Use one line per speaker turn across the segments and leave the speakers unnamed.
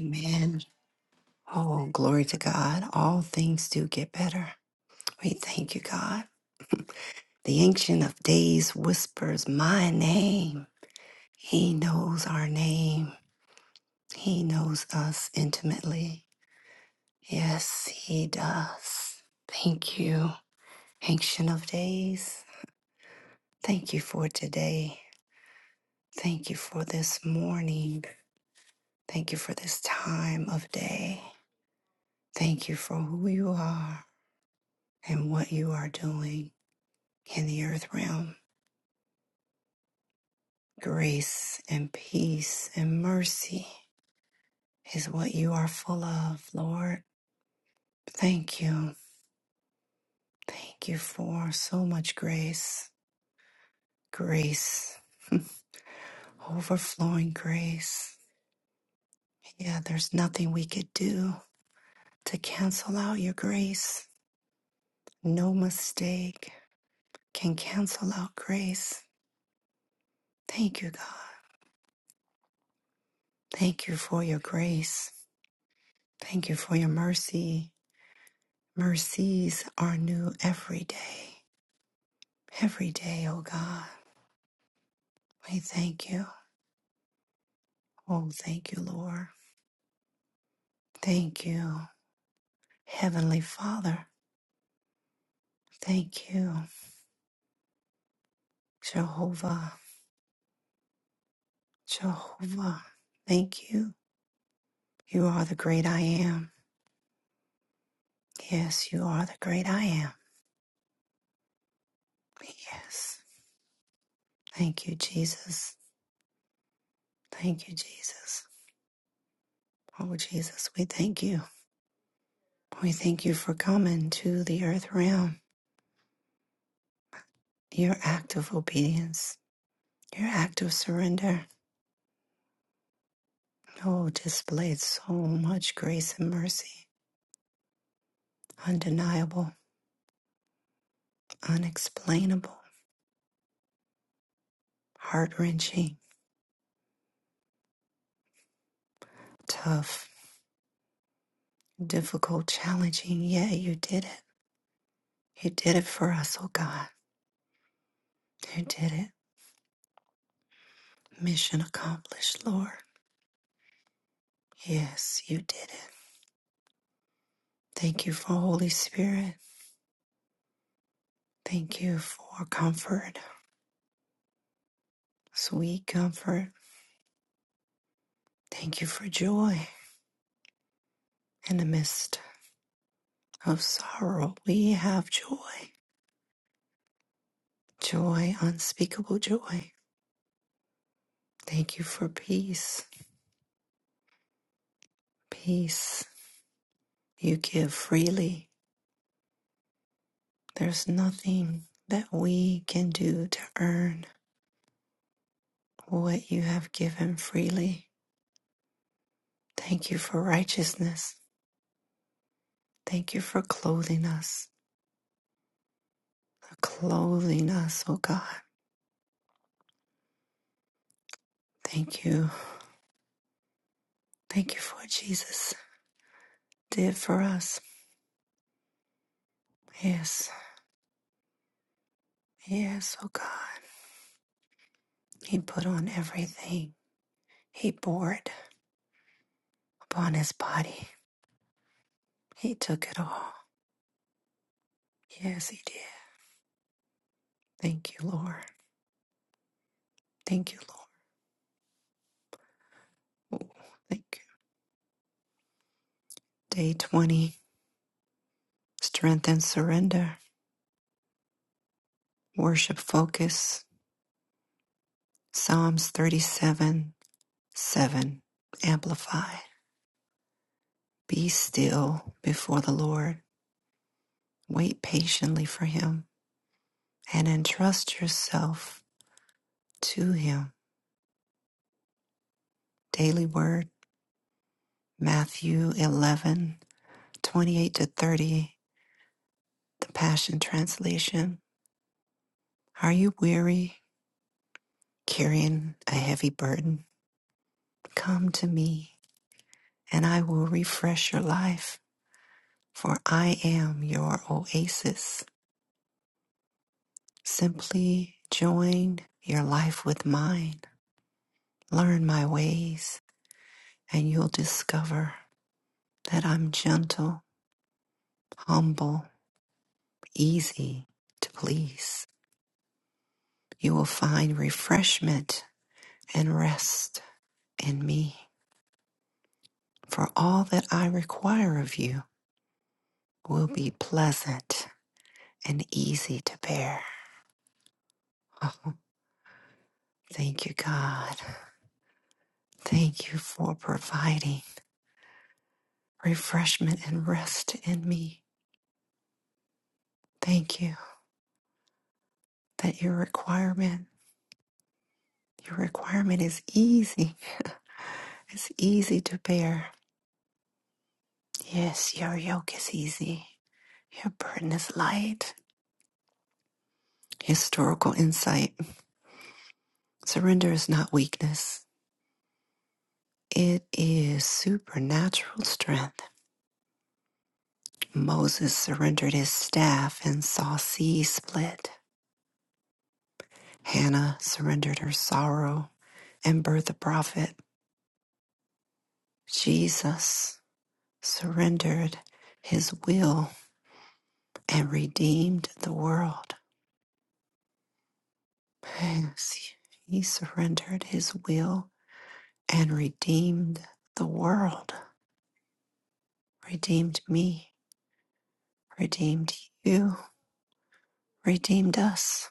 Amen. Oh, glory to God. All things do get better. We thank you, God. The Ancient of Days whispers my name. He knows our name, He knows us intimately. Yes, He does. Thank you, Ancient of Days. Thank you for today. Thank you for this morning. Thank you for this time of day. Thank you for who you are and what you are doing in the earth realm. Grace and peace and mercy is what you are full of, Lord. Thank you. Thank you for so much grace. Grace, overflowing grace. Yeah, there's nothing we could do to cancel out your grace. No mistake can cancel out grace. Thank you, God. Thank you for your grace. Thank you for your mercy. Mercies are new every day. every day, oh God. We thank you. Oh, thank you, Lord. Thank you, Heavenly Father. Thank you, Jehovah. Jehovah. Thank you. You are the great I am. Yes, you are the great I am. Yes. Thank you, Jesus. Thank you, Jesus. Oh, Jesus, we thank you. We thank you for coming to the earth realm. Your act of obedience, your act of surrender. Oh, displayed so much grace and mercy. Undeniable, unexplainable, heart wrenching, tough, difficult, challenging. Yet you did it. You did it for us, oh God. You did it. Mission accomplished, Lord. Yes, you did it. Thank you for Holy Spirit. Thank you for comfort, sweet comfort. Thank you for joy in the midst of sorrow. We have joy, joy, unspeakable joy. Thank you for peace. Peace you give freely. There's nothing that we can do to earn what you have given freely. Thank you for righteousness. Thank you for clothing us. Clothing us, oh God. Thank you. Thank you for what Jesus did for us. Yes. Yes, oh God. He put on everything. He bore it upon his body. He took it all. Yes, he did. Thank you, Lord. Thank you, Lord. Ooh, thank you. Day 20 Strength and Surrender. Worship Focus. Psalms 37 7. Amplified. Be still before the Lord. Wait patiently for him and entrust yourself to him. Daily Word. Matthew 11, 28 to 30. The Passion Translation. Are you weary, carrying a heavy burden? Come to me and I will refresh your life, for I am your oasis. Simply join your life with mine. Learn my ways, and you'll discover that I'm gentle, humble, easy to please. You will find refreshment and rest in me, for all that I require of you will be pleasant and easy to bear. Oh, thank you, God. Thank you for providing refreshment and rest in me. Thank you that your requirement, your requirement is easy. It's easy to bear. Yes, your yoke is easy. Your burden is light. Historical insight. Surrender is not weakness. It is supernatural strength. Moses surrendered his staff and saw sea split. Hannah surrendered her sorrow and birthed a prophet. Jesus surrendered his will and redeemed the world. Yes, He surrendered his will and redeemed the world, redeemed me, redeemed you, redeemed us.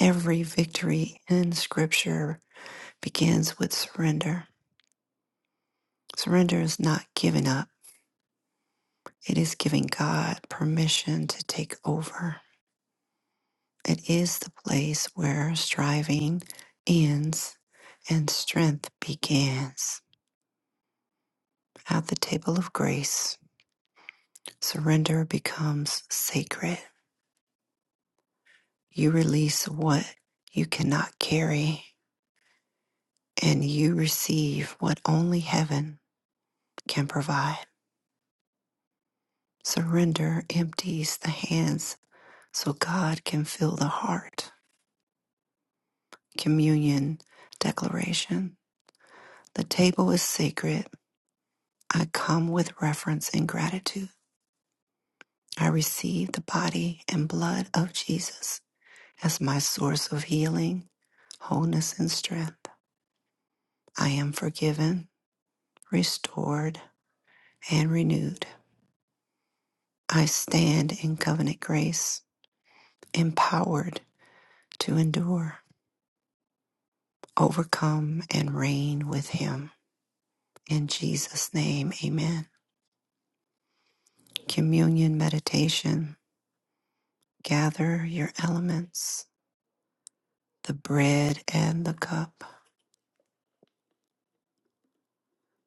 Every victory in Scripture begins with surrender. Surrender is not giving up, it is giving God permission to take over. It is the place where striving ends and strength begins. At the table of grace, surrender becomes sacred. You release what you cannot carry, and you receive what only heaven can provide. Surrender empties the hands so God can fill the heart. Communion Declaration The table is sacred. I come with reverence and gratitude. I receive the body and blood of Jesus as my source of healing, wholeness, and strength. I am forgiven, restored, and renewed. I stand in covenant grace, empowered to endure, overcome, and reign with Him. In Jesus' name, amen. Communion meditation. Gather your elements, the bread and the cup.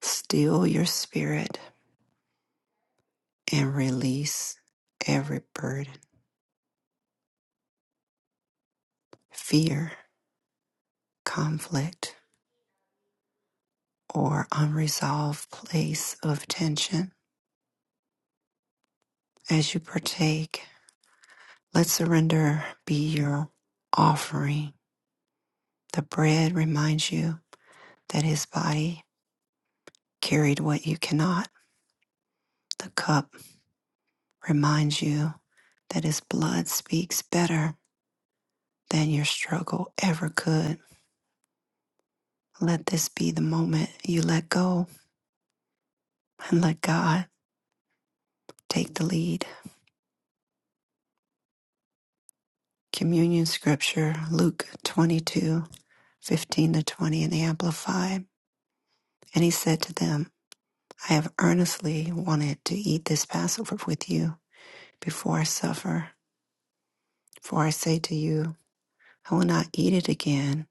Still your spirit and release every burden, fear, conflict, or unresolved place of tension. As you partake, let surrender be your offering. The bread reminds you that his body carried what you cannot. The cup reminds you that his blood speaks better than your struggle ever could. Let this be the moment you let go and let God take the lead. Communion Scripture, Luke twenty-two fifteen to 20 in the Amplified. And he said to them, I have earnestly wanted to eat this Passover with you before I suffer. For I say to you, I will not eat it again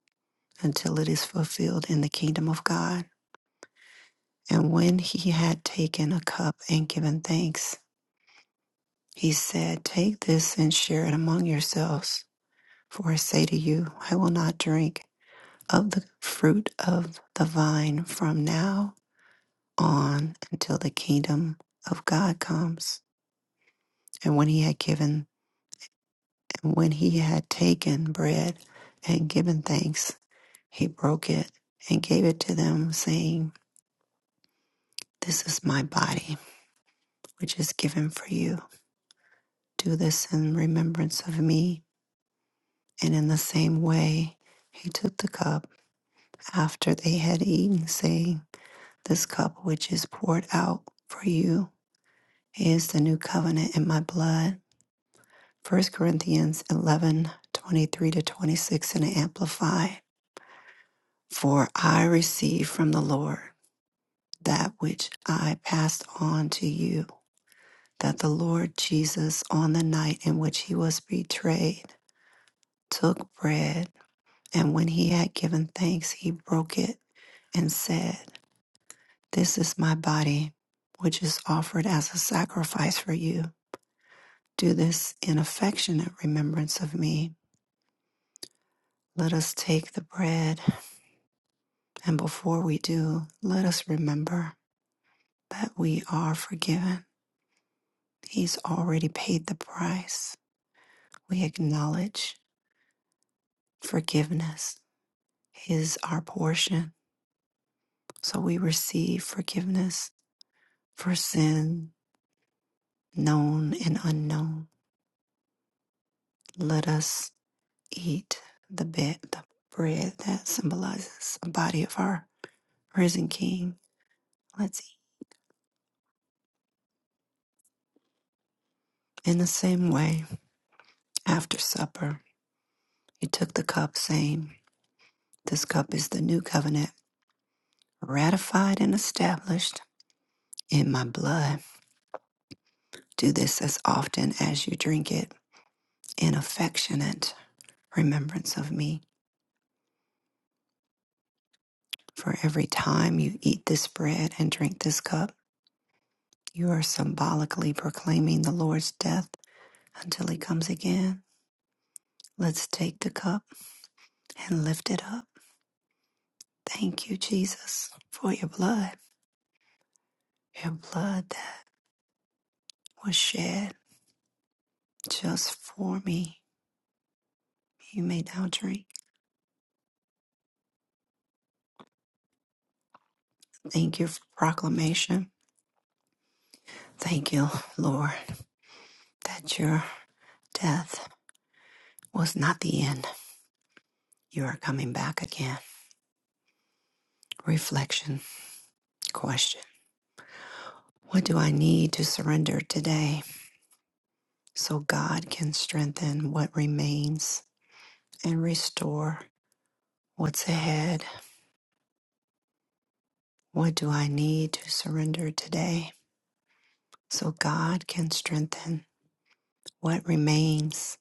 until it is fulfilled in the kingdom of God. And when he had taken a cup and given thanks, he said, Take this and share it among yourselves. For I say to you, I will not drink of the fruit of the vine from now on until the kingdom of God comes. And when he had given, and when he had taken bread and given thanks, he broke it and gave it to them, saying, This is my body, which is given for you. Do this in remembrance of me. And in the same way, he took the cup after they had eaten, saying, This cup which is poured out for you He is the new covenant in my blood. First Corinthians 11 23 to 26 in the Amplify. For I received from the Lord that which I passed on to you, that the Lord Jesus, on the night in which he was betrayed, took bread, and when he had given thanks, he broke it and said, This is my body, which is offered as a sacrifice for you. Do this in affectionate remembrance of me. Let us take the bread, and before we do, let us remember that we are forgiven. He's already paid the price. We acknowledge forgiveness is our portion. So we receive forgiveness for sin, known and unknown. Let us eat the bit, the bread that symbolizes the body of our risen King. Let's eat. In the same way, after supper, he took the cup, saying, This cup is the new covenant, ratified and established in my blood. Do this as often as you drink it in affectionate remembrance of me. For every time you eat this bread and drink this cup, you are symbolically proclaiming the Lord's death until he comes again. Let's take the cup and lift it up. Thank you, Jesus, for your blood, your blood that was shed just for me. You may now drink. Thank you for proclamation. Thank you, Lord, that your death was not the end. You are coming back again. Reflection question What do I need to surrender today so God can strengthen what remains and restore what's ahead? What do I need to surrender today so God can strengthen what remains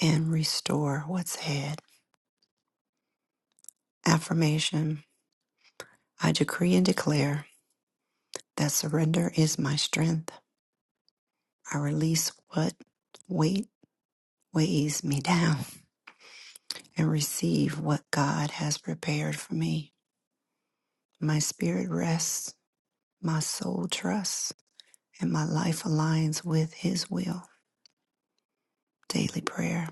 and restore what's ahead? Affirmation I decree and declare. That surrender is my strength. I release what weight weighs me down and receive what God has prepared for me. My spirit rests, my soul trusts, and my life aligns with His will. Daily prayer.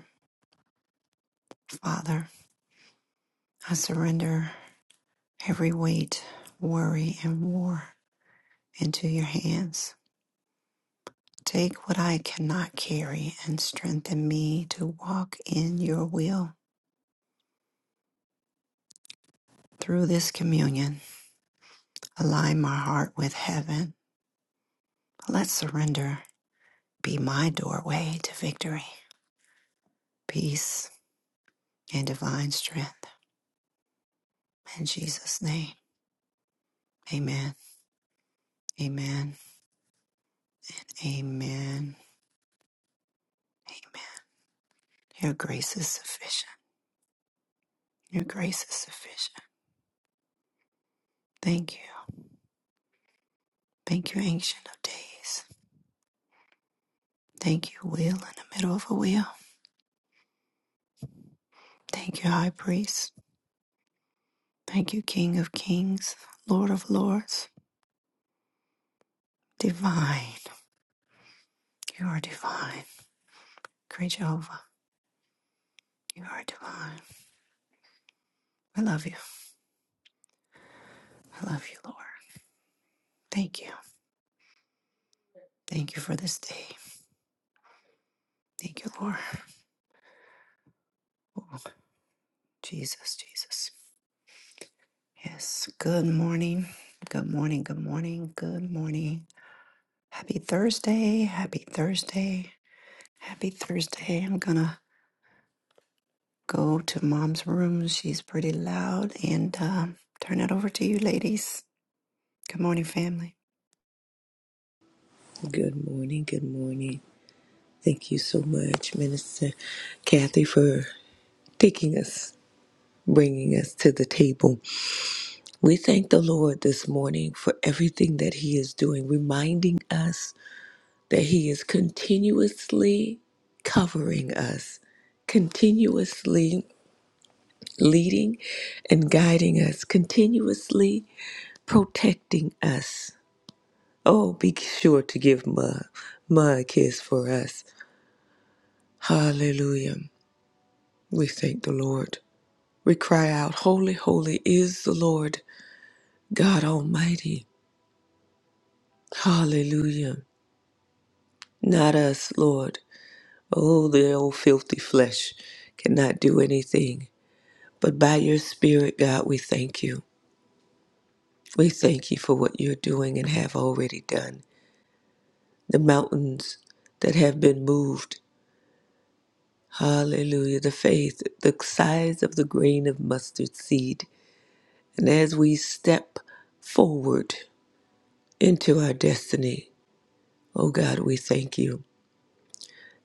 Father, I surrender every weight, worry, and war into your hands. Take what I cannot carry and strengthen me to walk in your will. Through this communion, Align my heart with heaven. Let surrender be my doorway to victory, peace, and divine strength. In Jesus' name, amen. Amen. Amen. Amen. Your grace is sufficient. Your grace is sufficient. Thank you. Thank you, Ancient of Days. Thank you, Wheel in the middle of a wheel. Thank you, High Priest. Thank you, King of Kings, Lord of Lords. Divine. You are divine. Great Jehovah. You are divine. We love you. I love you, Lord. Thank you. Thank you for this day. Thank you, Lord. Oh, Jesus, Jesus. Yes. Good morning. Good morning. Good morning. Good morning. Happy Thursday. Happy Thursday. Happy Thursday. I'm going to go to mom's room. She's pretty loud. And um, turn it over to you, ladies. Good morning, family.
Good morning. Good morning. Thank you so much, Minister Kathy, for taking us, bringing us to the table. We thank the Lord this morning for everything that He is doing, reminding us that He is continuously covering us, continuously leading and guiding us, continuously protecting us. Oh, be sure to give Ma, Ma a kiss for us. Hallelujah. We thank the Lord. We cry out, Holy, holy is the Lord God Almighty. Hallelujah. Not us, Lord. Oh, the old filthy flesh cannot do anything. But by your Spirit, God, we thank you. We thank you for what you're doing and have already done. The mountains that have been moved. Hallelujah. The faith, the size of the grain of mustard seed. And as we step forward into our destiny, Oh God, we thank you.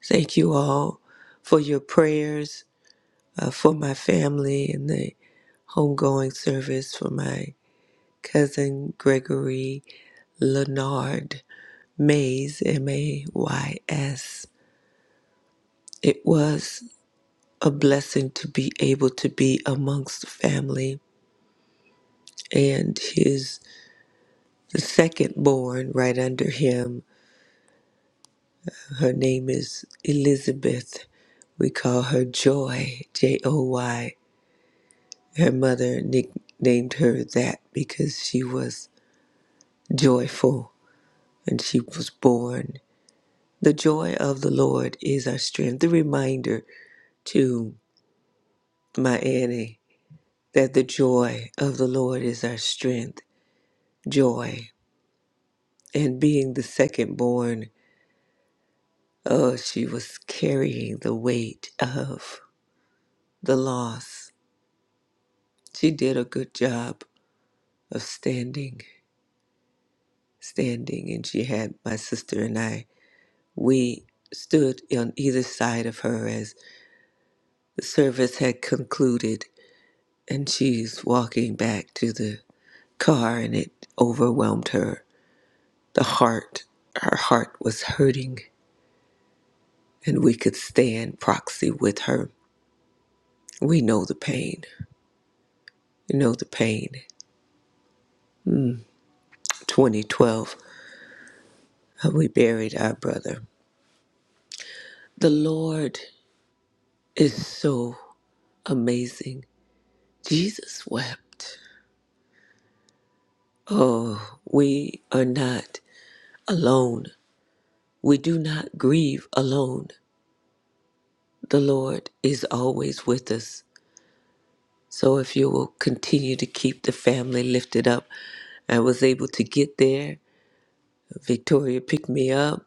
Thank you all for your prayers, uh, for my family and the homegoing service, for my cousin Gregory Leonard Mays, M A Y S. It was a blessing to be able to be amongst family and his the second born right under him her name is elizabeth we call her joy j-o-y Her mother nicknamed her that because she was joyful and she was born. The joy of the Lord is our strength. The reminder to my Annie that the joy of the Lord is our strength. Joy. And being the second born, oh, she was carrying the weight of the loss. She did a good job of standing, standing, and she had my sister and I. We stood on either side of her as the service had concluded, and she's walking back to the car, and it overwhelmed her. The heart, her heart was hurting, and we could stand proxy with her. We know the pain. We know the pain. 2012, uh, we buried our brother. The Lord is so amazing. Jesus wept. Oh, we are not alone. We do not grieve alone. The Lord is always with us. So if you will continue to keep the family lifted up, I was able to get there. Victoria picked me up,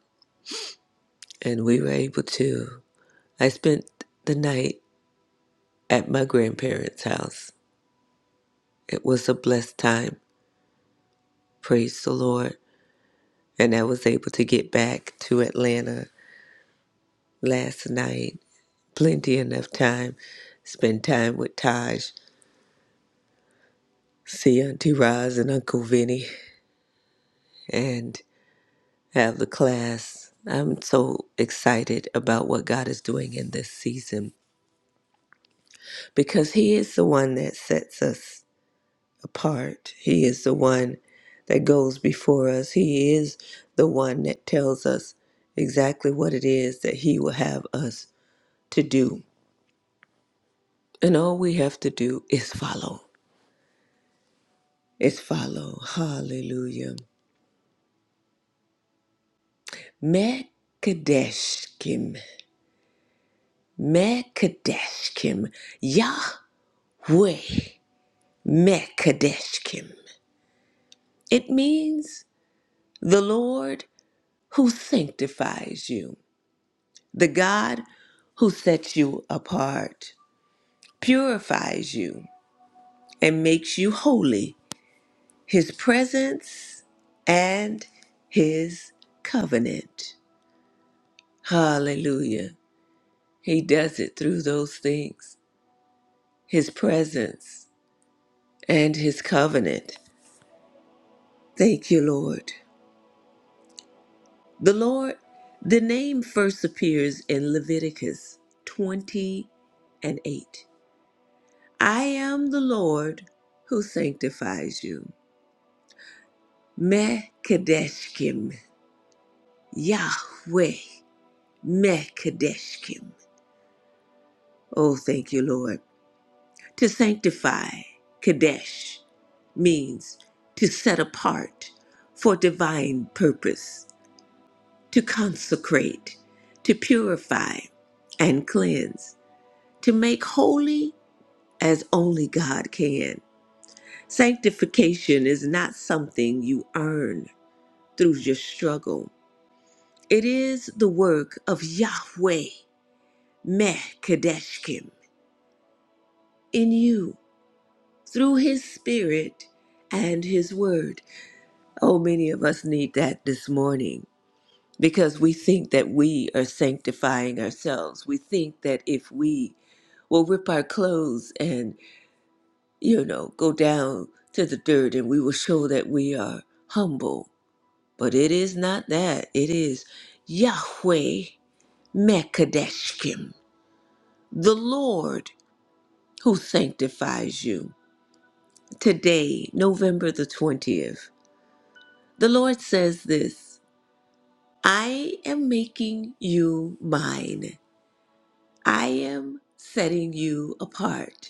and we were able to. I spent the night at my grandparents' house. It was a blessed time. Praise the Lord. And I was able to get back to Atlanta last night. Plenty enough time. Spend time with Taj, see Auntie Roz and Uncle Vinny. and have the class. I'm so excited about what God is doing in this season because He is the one that sets us apart. He is the one that goes before us. He is the one that tells us exactly what it is that He will have us to do. And all we have to do is follow. Is follow. Hallelujah. Mekadeshkim. Mekadeshkim. Yahweh. Mekadeshkim. It means the Lord who sanctifies you, the God who sets you apart, purifies you, and makes you holy, his presence and his covenant. Hallelujah. He does it through those things, his presence and his covenant. Thank you, Lord. The Lord, the name first appears in Leviticus 20 and 8. I am the Lord who sanctifies you. Mekadeshkim, Yahweh, Mekadeshkim. Oh, thank you, Lord. To sanctify, Kadesh, means to set apart for divine purpose, to consecrate, to purify and cleanse. to make holy as only God can. Sanctification is not something you earn through your struggle. It is the work of Yahweh Meh in you through his spirit and his word. Oh, many of us need that this morning because we think that we are sanctifying ourselves. We think that if we will rip our clothes and you know, go down to the dirt and we will show that we are humble. But it is not that. It is Yahweh Mekadeshkim, the Lord who sanctifies you. Today, November the 20th, the Lord says this I am making you mine, I am setting you apart.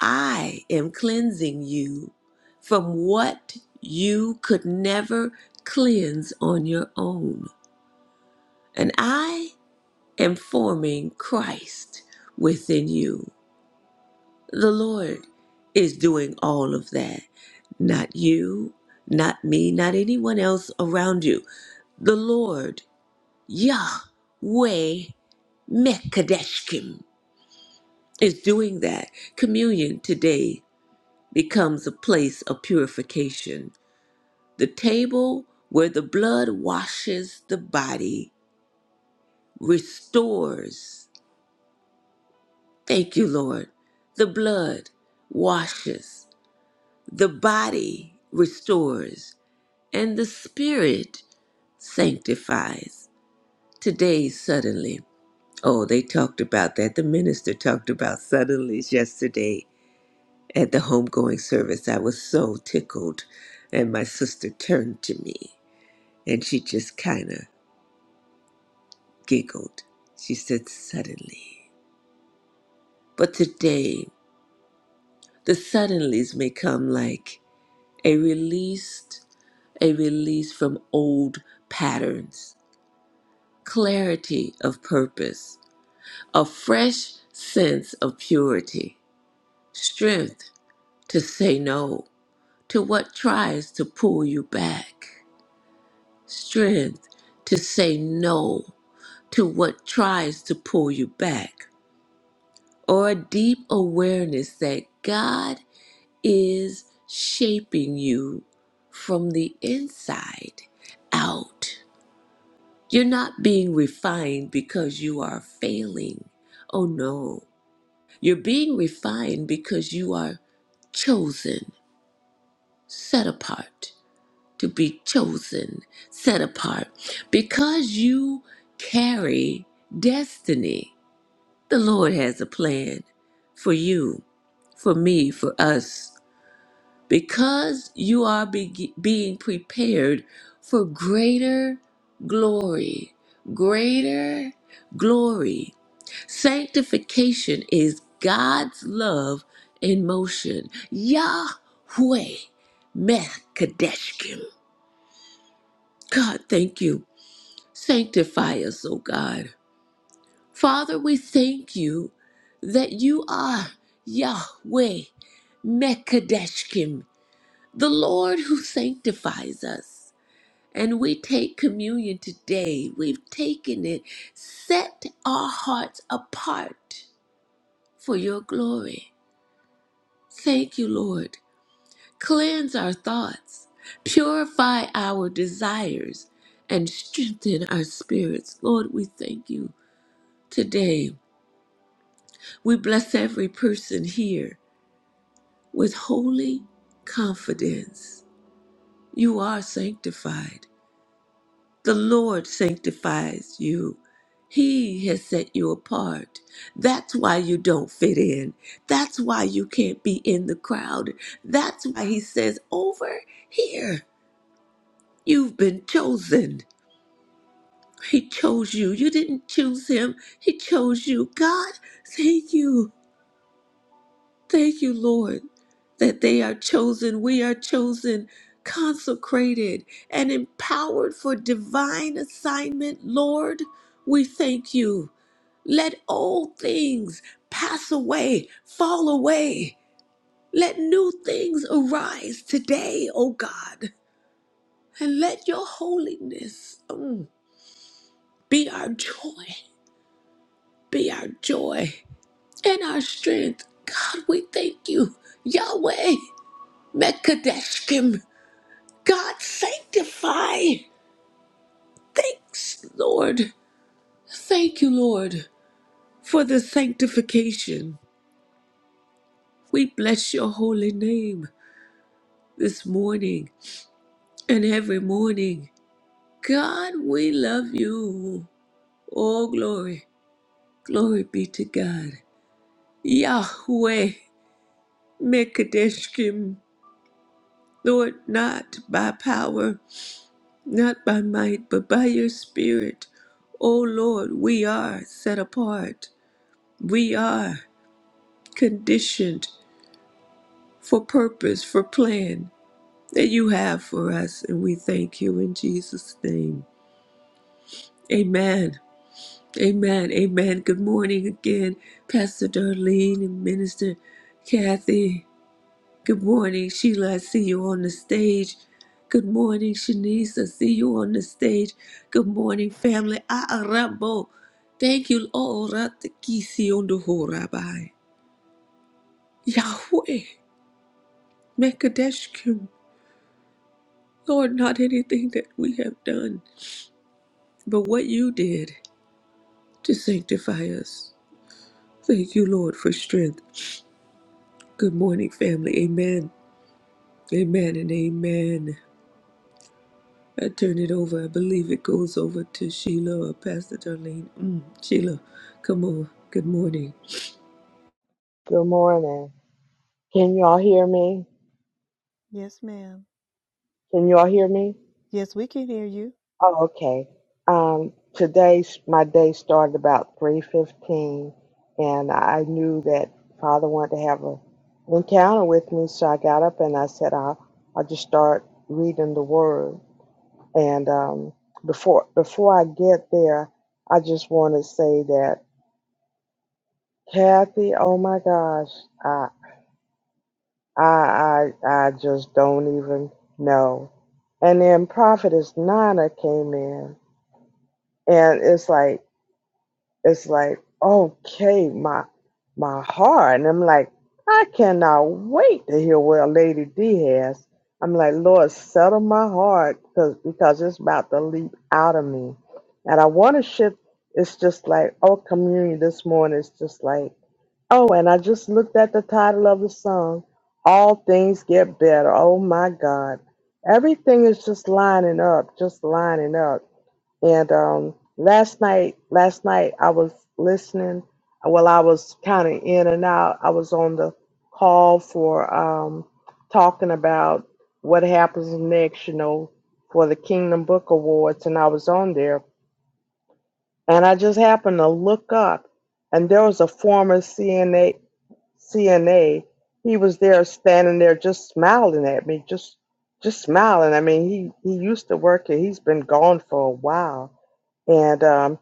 I am cleansing you from what you could never cleanse on your own. And I am forming Christ within you. The Lord is doing all of that. Not you, not me, not anyone else around you. The Lord, Yahweh Mekadeshkim, is doing that. Communion today becomes a place of purification the table where the blood washes the body, restores. Thank you, Lord. The blood washes, the body restores, and the spirit sanctifies. Today, suddenly. Oh, they talked about that. The minister talked about suddenlies yesterday at the homegoing service. I was so tickled. And my sister turned to me and she just kind of giggled. She said, Suddenly. But today, the suddenlies may come like a released, a release from old patterns, clarity of purpose, a fresh sense of purity, strength to say no to what tries to pull you back, strength to say no to what tries to pull you back or a deep awareness that God is shaping you from the inside out. You're not being refined because you are failing. Oh no. You're being refined because you are chosen, set apart, to be chosen, set apart, because you carry destiny The Lord has a plan for you, for me, for us, because you are be- being prepared for greater glory. Greater glory. Sanctification is God's love in motion. Yahweh Mekadeshkim. God, thank you. Sanctify us, O God. Father, we thank you that you are Yahweh Mekadeshkim, the Lord who sanctifies us. And we take communion today. We've taken it, set our hearts apart for your glory. Thank you, Lord. Cleanse our thoughts, purify our desires, and strengthen our spirits. Lord, we thank you today. We bless every person here. with holy confidence. You are sanctified. The Lord sanctifies you. He has set you apart. That's why you don't fit in. That's why you can't be in the crowd. That's why He says, Over here, you've been chosen. He chose you. You didn't choose Him, He chose you. God, thank you. Thank you, Lord, that they are chosen. We are chosen, consecrated, and empowered for divine assignment. Lord, we thank you. Let old things pass away, fall away. Let new things arise today, O God. And let your holiness mm, be our joy, be our joy and our strength. God, we thank you. Yahweh, Mekadeshkim. God, sanctify. Thanks, Lord. Thank you, Lord, for the sanctification. We bless your holy name this morning and every morning. God, we love you. Oh, glory. Glory be to God. Yahweh, Mekadeshkim. Lord, not by power, not by might, but by your spirit. Oh Lord, we are set apart. We are. conditioned for purpose, for plan that you have for us. And we thank you in Jesus' name. Amen. Amen. Amen. Good morning again, Pastor Darlene and Minister Kathy. Good morning, Sheila. I see you on the stage. Good morning, Shanice. I see you on the stage. Good morning, family. Aarabo. Thank you, Lord. Ratakisi on the Horabai. Yahweh. Mekadesh Lord, not anything that we have done, but what you did to sanctify us. Thank you, Lord, for strength. Good morning, family. Amen. Amen and amen. I turn it over. I believe it goes over to Sheila or Pastor Darlene. Mm, Sheila, come on. Good morning.
Good morning. Can y'all hear me?
Yes, ma'am.
Can y'all hear me?
Yes, we can hear you.
Oh, okay. Um, today's my day started about three fifteen, and I knew that Father wanted to have an encounter with me, so I got up and I said, "I'll, I'll just start reading the Word." And um, before before I get there, I just want to say that Kathy, oh my gosh, I, I, I just don't even know. And then Prophetess Nana came in, and it's like, it's like, okay, my, my heart, and I'm like, I cannot wait to hear what Lady D has. I'm like, Lord, settle my heart, because because it's about to leap out of me, and I want to shift. It's just like, oh, community this morning is just like. Oh, and I just looked at the title of the song, All Things Get Better. Oh my God. Everything is just lining up, just lining up. And um last night, last night I was listening. Well, I was kind of in and out. I was on the call for um talking about what happens next, you know, for the Kingdom Book Awards and I was on there and I just happened to look up and there was a former CNA CNA, he was there standing there just smiling at me, just just smiling. I mean, he he used to work here. He's been gone for a while, and um,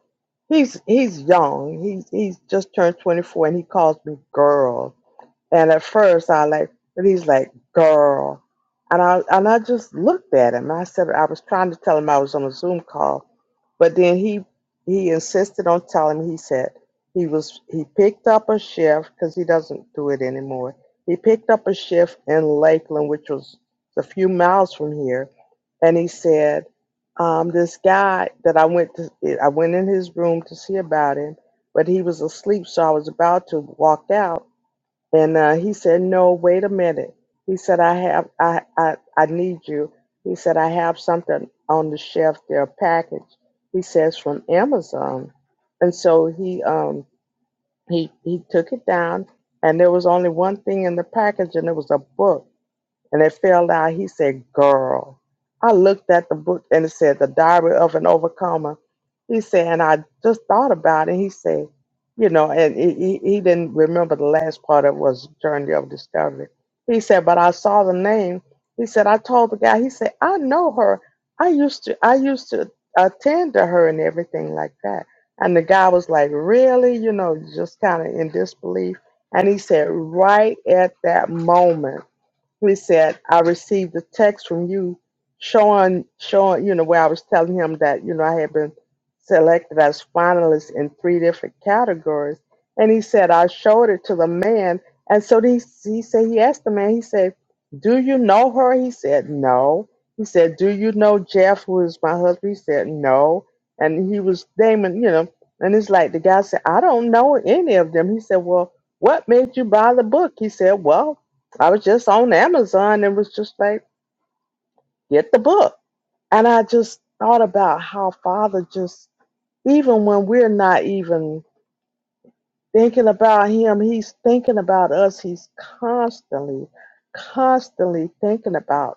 he's he's young. He's he's just turned 24, and he calls me girl. And at first, I like, and he's like, girl. And I, and I just looked at him. I said, I was trying to tell him I was on a Zoom call, but then he, he insisted on telling me, he said he was, he picked up a shift because he doesn't do it anymore. He picked up a shift in Lakeland, which was a few miles from here. And he said, um, this guy that I went to, I went in his room to see about him, but he was asleep. So I was about to walk out and uh, he said, "No, wait a minute." He said, "I have, I, I, I need you." He said, "I have something on the shelf there, a package." He says from Amazon, and so he, um, he, he took it down, and there was only one thing in the package, and it was a book and it fell out. He said, Girl. I looked at the book and it said, The Diary of an Overcomer. He said, and I just thought about it. He said, You know, and he, he he didn't remember the last part of it was Journey of Discovery. He said, But I saw the name. He said, I told the guy, he said, I know her. I used to, I used to attend to her and everything like that. And the guy was like, Really? You know, just kind of in disbelief. And he said, Right at that moment he said, I received a text from you showing, showing, you know, where I was telling him that, you know, I had been selected as finalist in three different categories. And he said, I showed it to the man. And so he, he said, he asked the man, he said, Do you know her? He said, No. He said, Do you know Jeff, who is my husband? He said, No. And he was naming, you know, and it's like the guy said, I don't know any of them. He said, Well, what made you buy the book? He said, Well, I was just on Amazon and was just like, get the book. And I just thought about how Father just, even when we're not even thinking about Him, He's thinking about us. He's constantly, constantly thinking about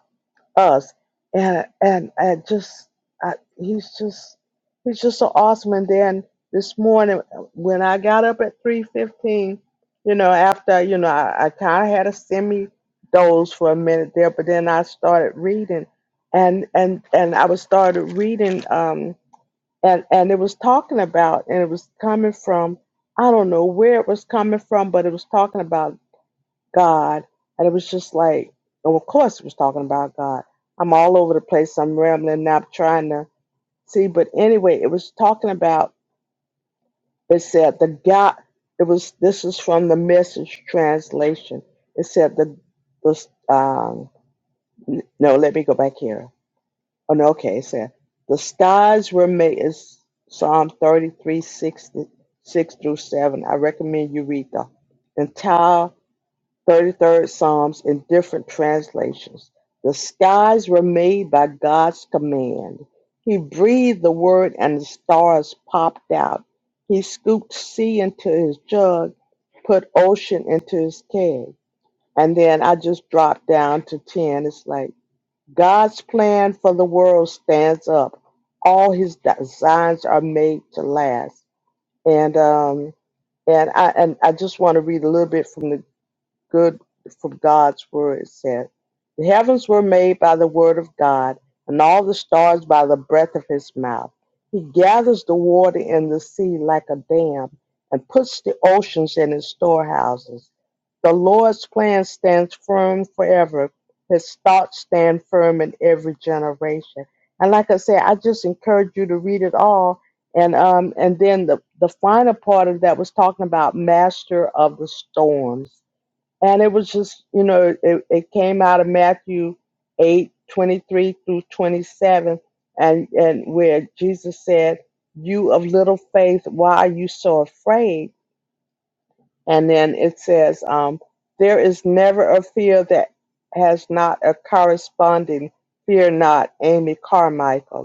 us and and and just I, he's just he's just so awesome and then this morning when i got up at 3.15 you know after you know i, I kind of had a semi doze for a minute there but then i started reading and and and i was started reading um and and it was talking about and it was coming from i don't know where it was coming from but it was talking about God. And it was just like, oh, of course it was talking about God. I'm all over the place. I'm rambling now, trying to see. But anyway, it was talking about, it said the God, it was, this is from the message translation. It said the, the um, n- no, let me go back here. Oh, no, okay. It said the skies were made, is Psalm 33 6 6 through 7. I recommend you read the entire 33rd Psalms in different translations. The skies were made by God's command. He breathed the word and the stars popped out. He scooped sea into his jug, put ocean into his keg. And then I just dropped down to 10. It's like God's plan for the world stands up. All his designs are made to last. And um and I and I just want to read a little bit from the good from God's word, it said. The heavens were made by the word of God, and all the stars by the breath of his mouth. He gathers the water in the sea like a dam, and puts the oceans in his storehouses. The Lord's plan stands firm forever. His thoughts stand firm in every generation. And like I said, I just encourage you to read it all. And um, and then the, the final part of that was talking about master of the storms and it was just, you know, it, it came out of Matthew 8 23 through 27, and, and where Jesus said, You of little faith, why are you so afraid? And then it says, um, There is never a fear that has not a corresponding fear not, Amy Carmichael.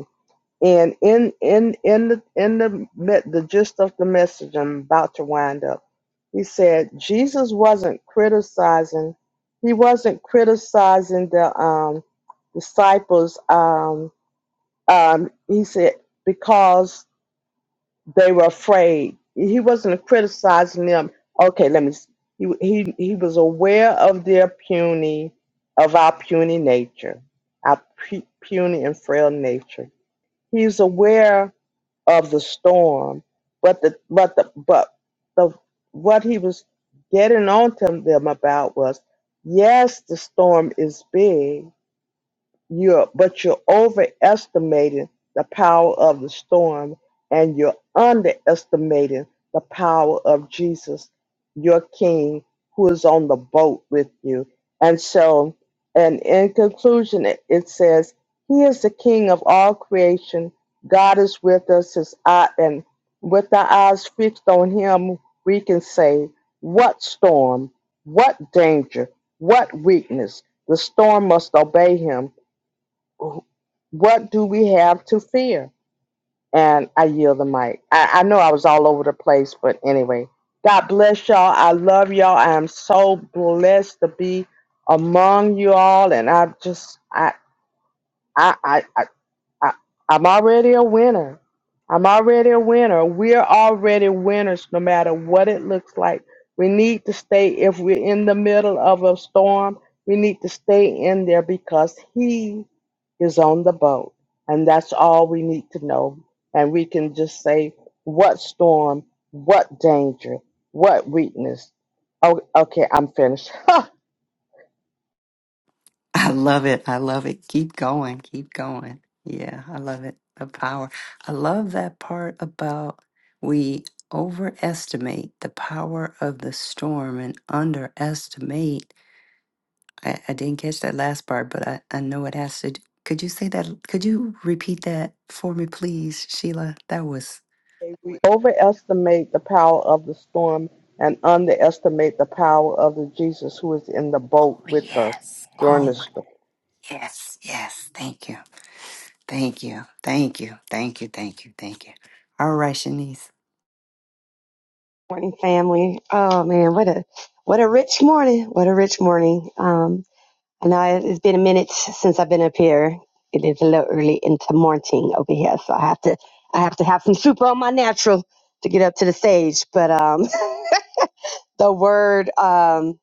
And in in in the in the me- the gist of the message, I'm about to wind up. He said Jesus wasn't criticizing. He wasn't criticizing the um, disciples. Um, um, he said because they were afraid. He wasn't criticizing them. Okay, let me. s- He he he was aware of their puny, of our puny nature, our pu- puny and frail nature. He's aware of the storm, but the but the but the what he was getting on to them about was yes, the storm is big, you're, but you're overestimating the power of the storm and you're underestimating the power of Jesus, your King, who is on the boat with you. And so, and in conclusion, it, it says, He is the King of all creation. God is with us, His eye, and with our eyes fixed on Him, we can say, What storm? What danger? What weakness? The storm must obey Him what do we have to fear? And I yield the mic. I, I know I was all over the place, but anyway, God bless y'all. I love y'all. I am so blessed to be among you all, and I just I I I, I, I'm already a winner. I'm already a winner. We're already winners no matter what it looks like. We need to stay, if we're in the middle of a storm, we need to stay in there because He is on the boat. And that's all we need to know. And we can just say, what storm, what danger, what weakness. Oh, okay, I'm finished.
I love it. I love it. Keep going. Keep going. Yeah, I love it. The power. I love that part about we overestimate the power of the storm and underestimate. I, I didn't catch that last part, but I, I know it has to. d- Could you say that? Could you repeat that for me, please, Sheila? That was.
We overestimate the power of the storm and underestimate the power of the Jesus who is in the boat
Oh,
with us
yes.
during
Oh,
the
my.
storm.
Yes. Yes. Thank you. Thank you. Thank you. Thank you. Thank you. Thank you. All right, Shanice.
morning family oh man what a what a rich morning what a rich morning um i know it- it's been a minute since i've been up here it is a little early into morning over here so i have to i have to have some super on my natural to get up to the stage but um the word um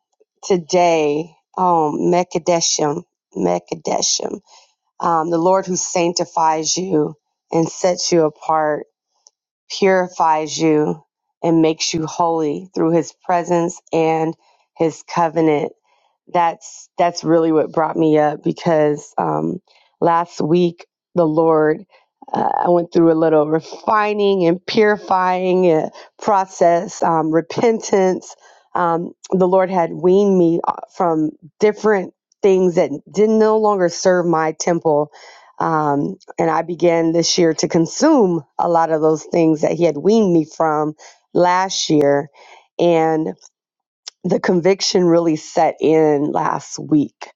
today oh mekadeshim mekadeshim um the lord who sanctifies you and sets you apart purifies you and makes you holy through his presence and his covenant that's that's really what brought me up because um, last week the Lord, uh, I went through a little refining and purifying uh, process, um, repentance. Um, the Lord had weaned me uh, from different things that didn't no longer serve my temple. Um, and I began this year to consume a lot of those things that he had weaned me from last year. and the conviction really set in last week.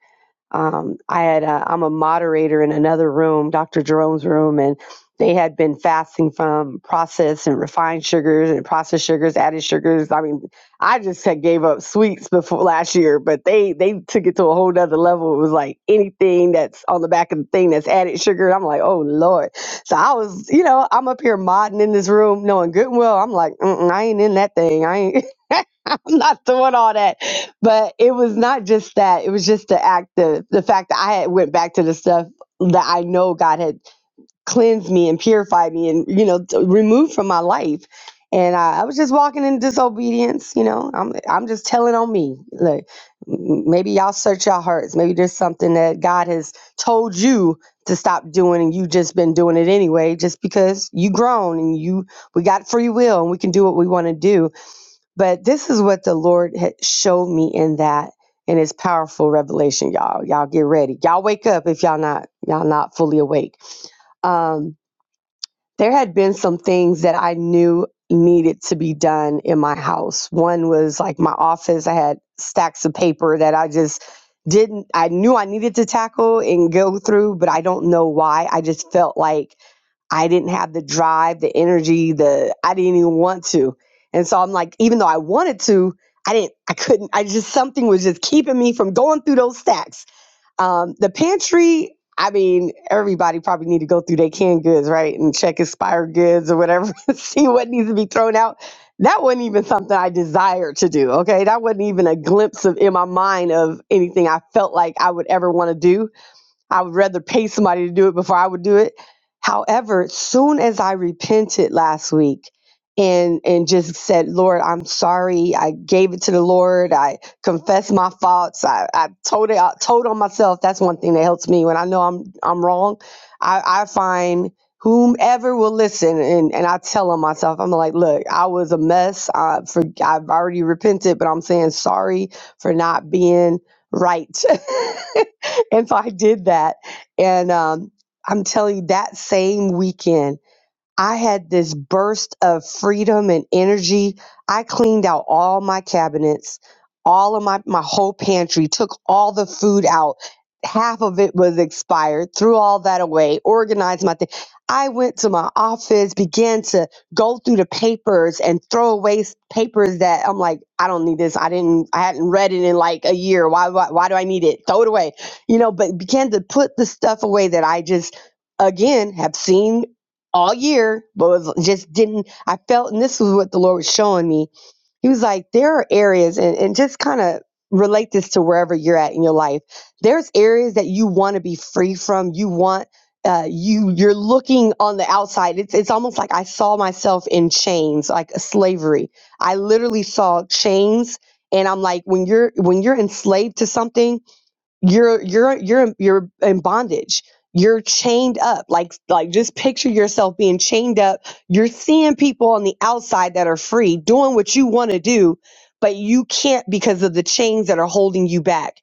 Um, I had a, I'm a moderator in another room, Dr. Jerome's room, and they had been fasting from processed and refined sugars and processed sugars, added sugars. I mean, I just had gave up sweets before last year, but they they took it to a whole nother level. It was like anything that's on the back of the thing that's added sugar. I'm like, oh lord. So I was, you know, I'm up here modding in this room, knowing good and well. I'm like, Mm-mm, I ain't in that thing. I ain't. I'm not doing all that. But it was not just that. It was just the act the the fact that I had went back to the stuff that I know God had cleansed me and purified me and you know t- removed from my life. And I, I was just walking in disobedience, you know. I'm I'm just telling on me. Like m- maybe y'all search your hearts. Maybe there's something that God has told you to stop doing and you just been doing it anyway just because you grown and you we got free will and we can do what we want to do but this is what the Lord had showed me in that in his powerful revelation, y'all. Y'all get ready. Y'all wake up if y'all not y'all not fully awake. Um, there had been some things that I knew needed to be done in my house. One was like my office. I had stacks of paper that I just didn't I knew I needed to tackle and go through, but I don't know why. I just felt like I didn't have the drive, the energy, the I didn't even want to. And so I'm like, even though I wanted to, I didn't, I couldn't, I just something was just keeping me from going through those stacks. Um, the pantry, I mean, everybody probably need to go through their canned goods, right? And check expired goods or whatever, and see what needs to be thrown out. That wasn't even something I desired to do. Okay. That wasn't even a glimpse of in my mind of anything I felt like I would ever want to do I would rather pay somebody to do it before I would do it. However, soon as I repented last week and and just said, Lord, I'm sorry. I gave it to the Lord. I confessed my faults. I, I told it I told on myself. That's one thing that helps me when I know I'm I'm wrong. I, I find whomever will listen and, and I tell on myself, I'm like, look, I was a mess. I for, I've already repented, but I'm saying sorry for not being right. and so I did that. And um, I'm telling you, that same weekend, I had this burst of freedom and energy. I cleaned out all my cabinets, all of my, my whole pantry, took all the food out. Half of it was expired, threw all that away, organized my thing. I went to my office, began to go through the papers and throw away s- papers that I'm like, I don't need this. I didn't, I hadn't read it in like a year. Why, why, why do I need it? Throw it away, you know, but began to put the stuff away that I just again have seen all year, but was just didn't. I felt, and this was what the Lord was showing me. He was like, there are areas, and, and just kind of relate this to wherever you're at in your life. There's areas that you want to be free from. You want. Uh, you you're looking on the outside it's it's almost like i saw myself in chains like slavery i literally saw chains and i'm like when you're when you're enslaved to something you're you're you're you're in bondage you're chained up like like just picture yourself being chained up you're seeing people on the outside that are free doing what you want to do but you can't because of the chains that are holding you back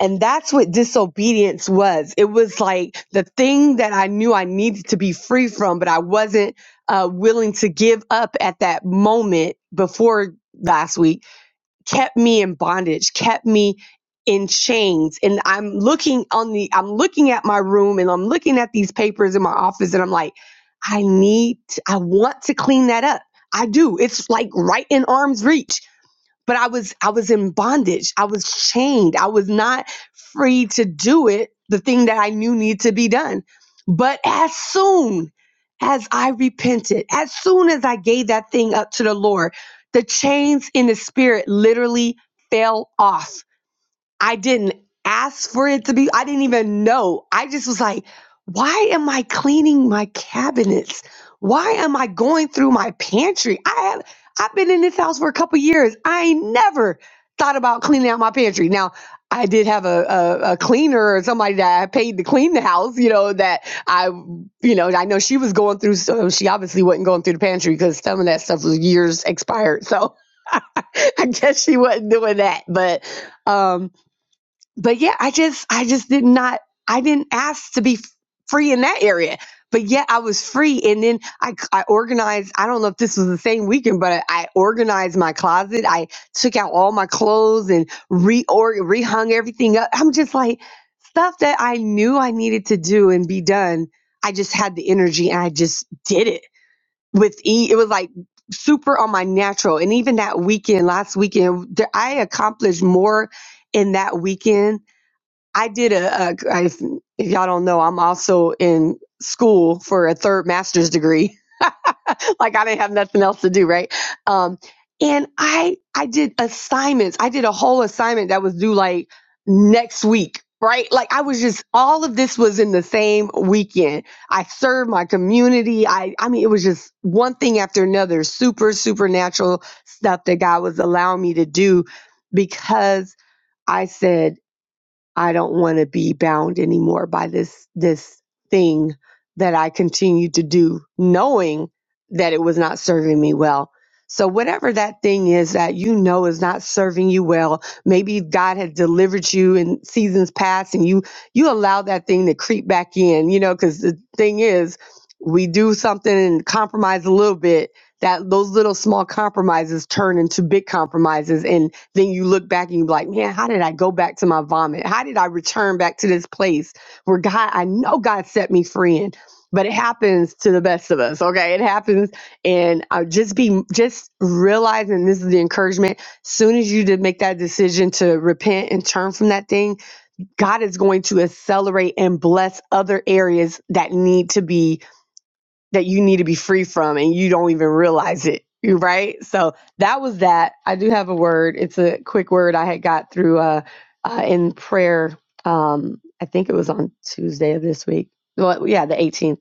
and that's what disobedience was it was like the thing that i knew i needed to be free from but i wasn't uh, willing to give up at that moment before last week kept me in bondage, kept me in chains. And I'm looking on the, I'm looking at my room and I'm looking at these papers in my office and I'm like, I need, to- I want to clean that up. I do. It's like right in arm's reach but I was I was in bondage. I was chained. I was not free to do it, the thing that I knew needed to be done. But as soon as I repented, as soon as I gave that thing up to the Lord, the chains in the spirit literally fell off. I didn't ask for it to be, I didn't even know. I just was like, why am I cleaning my cabinets? Why am I going through my pantry? I have I've been in this house for a couple years. I ain't never thought about cleaning out my pantry. Now I did have a, a, a cleaner or somebody that I paid to clean the house, you know, that I, you know, I know she was going through, so she obviously wasn't going through the pantry because some of that stuff was years expired. So I guess she wasn't doing that. But, um, but yeah, I just I just did not I didn't ask to be f- free in that area. But yet I was free and then I I organized, I don't know if this was the same weekend, but I organized my closet. I took out all my clothes and reorg rehung everything up. I'm just like stuff that I knew I needed to do and be done. I just had the energy and I just did it with e it was like super on my natural and even that weekend last weekend there, I accomplished more in that weekend I did a, a I, if y'all don't know, I'm also in school for a third master's degree. like I didn't have nothing else to do, right? Um, and I I did assignments. I did a whole assignment that was due like next week, right? Like I was just all of this was in the same weekend. I served my community. I I mean it was just one thing after another, super supernatural stuff that God was allowing me to do because I said I don't want to be bound anymore by this this thing that I continued to do knowing that it was not serving me well. So whatever that thing is that you know is not serving you well, maybe God had delivered you in seasons past and you you allow that thing to creep back in, you know, cuz the thing is we do something and compromise a little bit that those little small compromises turn into big compromises and then you look back and you're like, man, how did I go back to my vomit? How did I return back to this place where God, I know God set me free in? But it happens to the best of us, okay? It happens, and I just be just realizing this is the encouragement. Soon as you did make that decision to repent and turn from that thing, God is going to accelerate and bless other areas that need to be that you need to be free from and you don't even realize it. You're right. So that was that. I do have a word. It's a quick word I had got through uh, uh in prayer. Um, I think it was on Tuesday of this week. Well, yeah, the 18th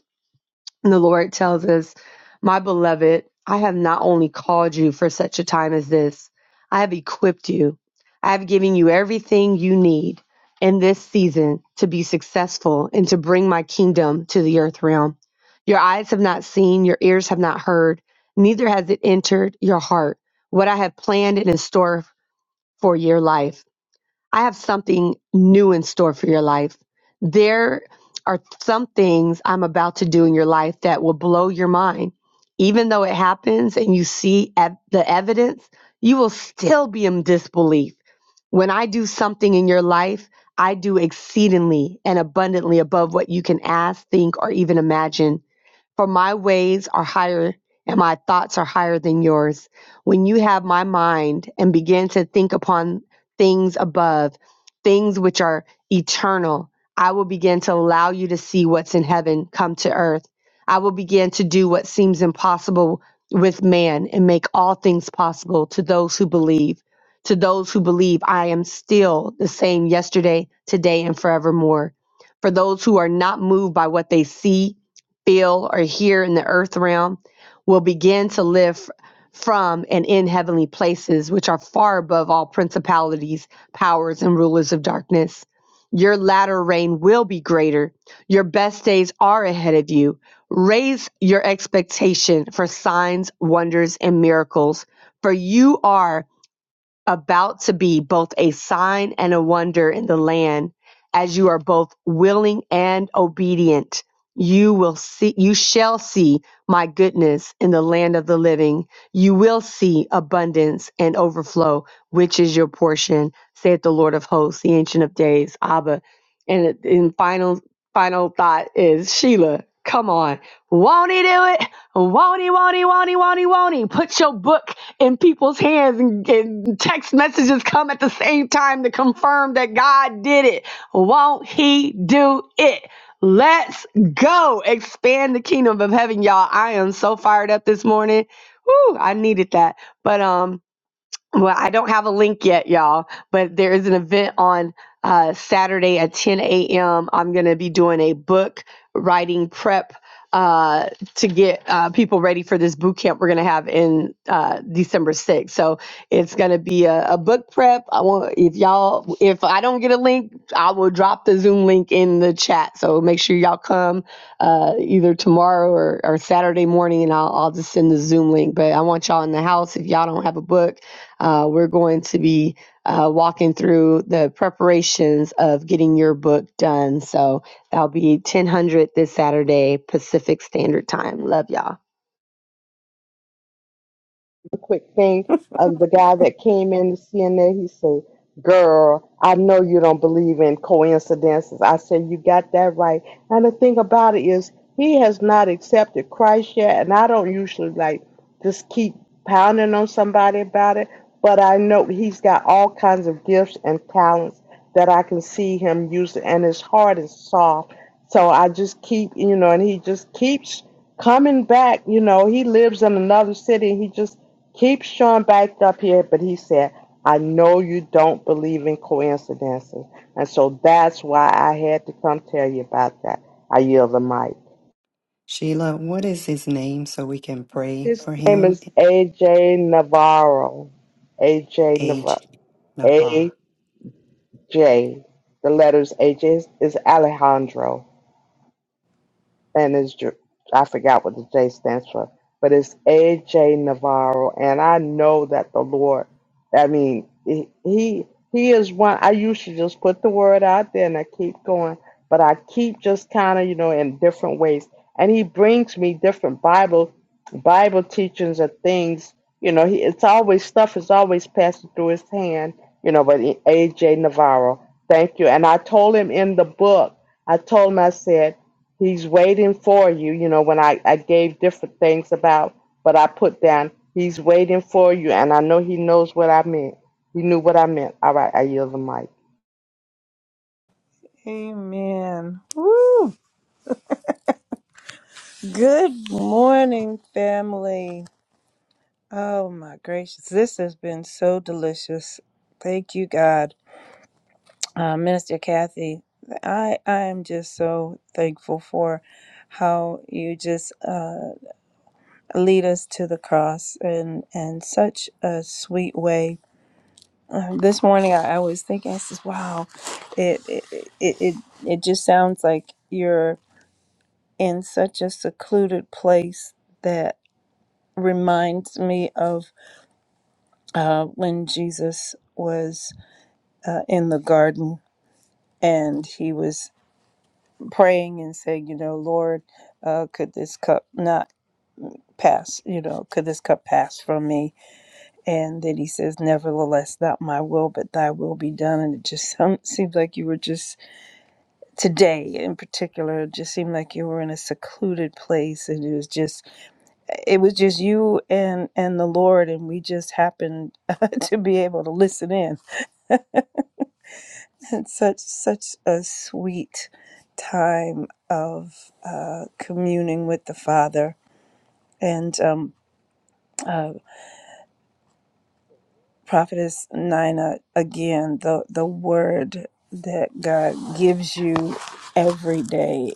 and the Lord tells us, My beloved, I have not only called you for such a time as this, I have equipped you. I have given you everything you need in this season to be successful and to bring my kingdom to the earth realm. Your eyes have not seen, your ears have not heard, neither has it entered your heart what I have planned and in store for your life. I have something new in store for your life. There are some things I'm about to do in your life that will blow your mind. Even though it happens and you see ev- the evidence, you will still be in disbelief. When I do something in your life, I do exceedingly and abundantly above what you can ask, think, or even imagine. For my ways are higher and my thoughts are higher than yours. When you have my mind and begin to think upon things above, things which are eternal, I will begin to allow you to see what's in heaven come to earth. I will begin to do what seems impossible with man and make all things possible to those who believe. To those who believe, I am still the same yesterday, today, and forevermore. For those who are not moved by what they see, feel, or hear in the earth realm will begin to live from and in heavenly places, which are far above all principalities, powers, and rulers of darkness. Your latter rain will be greater. Your best days are ahead of you. Raise your expectation for signs, wonders, and miracles, for you are about to be both a sign and a wonder in the land as you are both willing and obedient you will see you shall see my goodness in the land of the living you will see abundance and overflow which is your portion saith the lord of hosts the ancient of days abba and and final final thought is sheila come on won't he do it won't he won't he won't he won't he won't he put your book in people's hands and, and text messages come at the same time to confirm that God did it. Won't He do it? Let's go expand the kingdom of heaven, y'all. I am so fired up this morning. Woo, I needed that. But um, well, I don't have a link yet, y'all, but there is an event on uh, Saturday at 10 a.m. I'm going to be doing a book writing prep uh, to get uh, people ready for this boot camp we're going to have in uh, December 6th. So it's going to be a, a book prep. I want if y'all if I don't get a link, I will drop the Zoom link in the chat. So make sure y'all come uh, either tomorrow or, or Saturday morning, and I'll I'll just send the Zoom link. But I want y'all in the house if y'all don't have a book uh, we're going to be uh, walking through the preparations of getting your book done. So that'll be 1000 this Saturday, Pacific Standard Time. Love y'all.
a quick thing. Um, the guy that came in to CNN, he said, "Girl, I know you don't believe in coincidences." I said, "You got that right." And the thing about it is, he has not accepted Christ yet, and I don't usually like just keep pounding on somebody about it. But I know he's got all kinds of gifts and talents that I can see him using, and his heart is soft. So I just keep, you know, and he just keeps coming back. You know, he lives in another city. He just Keep Sean backed up here, but he said, I know you don't believe in coincidences. And so that's why I had to come tell you about that. I yield the mic.
Sheila, what is his name so we can pray
His
for
name
him?
is AJ Navarro. AJ
Age
Navarro. AJ.
Navarre.
The letters AJ is is Alejandro. and it's Jer- I forgot what the J stands for, but it's AJ Navarro, and I know that the Lord, I mean, he he he is one. I used to just put the word out there, and I keep going, but I keep just kind of you know in different ways, and he brings me different Bible Bible teachings and things. You know, he it's always stuff is always passing through his hand. You know, but AJ Navarro, thank you, and I told him in the book. I told him I said. He's waiting for you. You know, when I, I gave different things about what I put down, he's waiting for you. And I know he knows what I meant. He knew what I meant. All right, I yield the mic.
Amen. Woo! Good morning, family. Oh my gracious, this has been so delicious. Thank you, God, uh, Minister Kathy. I I am just so thankful for how you just uh, lead us to the cross and and such a sweet way. Uh, this morning, I, I was thinking, I says, "Wow, it it it it, it just sounds like you're." in such a secluded place that reminds me of uh, when Jesus was uh, in the garden and he was praying and saying, You know, Lord, uh, could this cup not pass? You know, could this cup pass from me? And then he says, Nevertheless, not my will, but thy will be done. And it just sound- seems like you were just today in particular, it just seemed like you were in a secluded place and it was just it was just you and and the lord and we just happened to be able to listen in and such such a sweet time of uh communing with the father and um uh prophetess nina again the the word that god gives you every day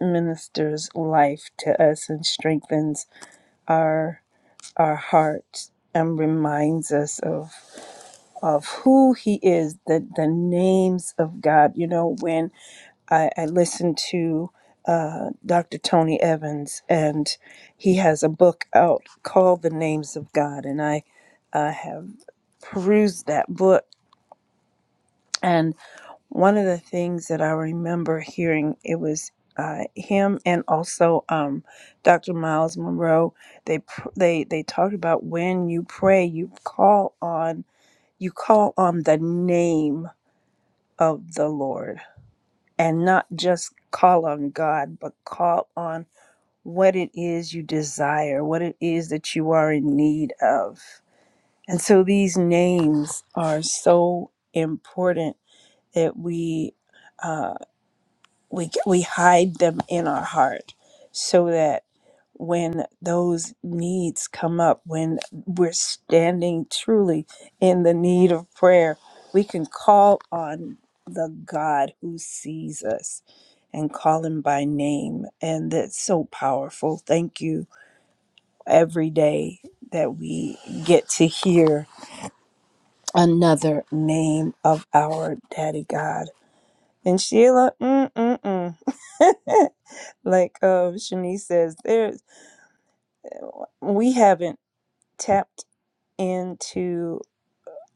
ministers life to us and strengthens our our hearts and reminds us of of who he is, the, the names of God. You know, when I, I listened to uh, Dr. Tony Evans, and he has a book out called The Names of God, and I uh, have perused that book. And one of the things that I remember hearing, it was uh, him and also um, Dr. Miles Monroe. They pr- they they talked about when you pray, you call on you call on the name of the Lord and not just call on God, but call on what it is you desire, what it is that you are in need of. And so these names are so important that we uh, we we hide them in our heart so that when those needs come up when we're standing truly in the need of prayer we can call on the god who sees us and call him by name and that's so powerful thank you every day that we get to hear another name of our daddy god and sheila mm-mm-mm Like uh, Shanice says, there's we haven't tapped into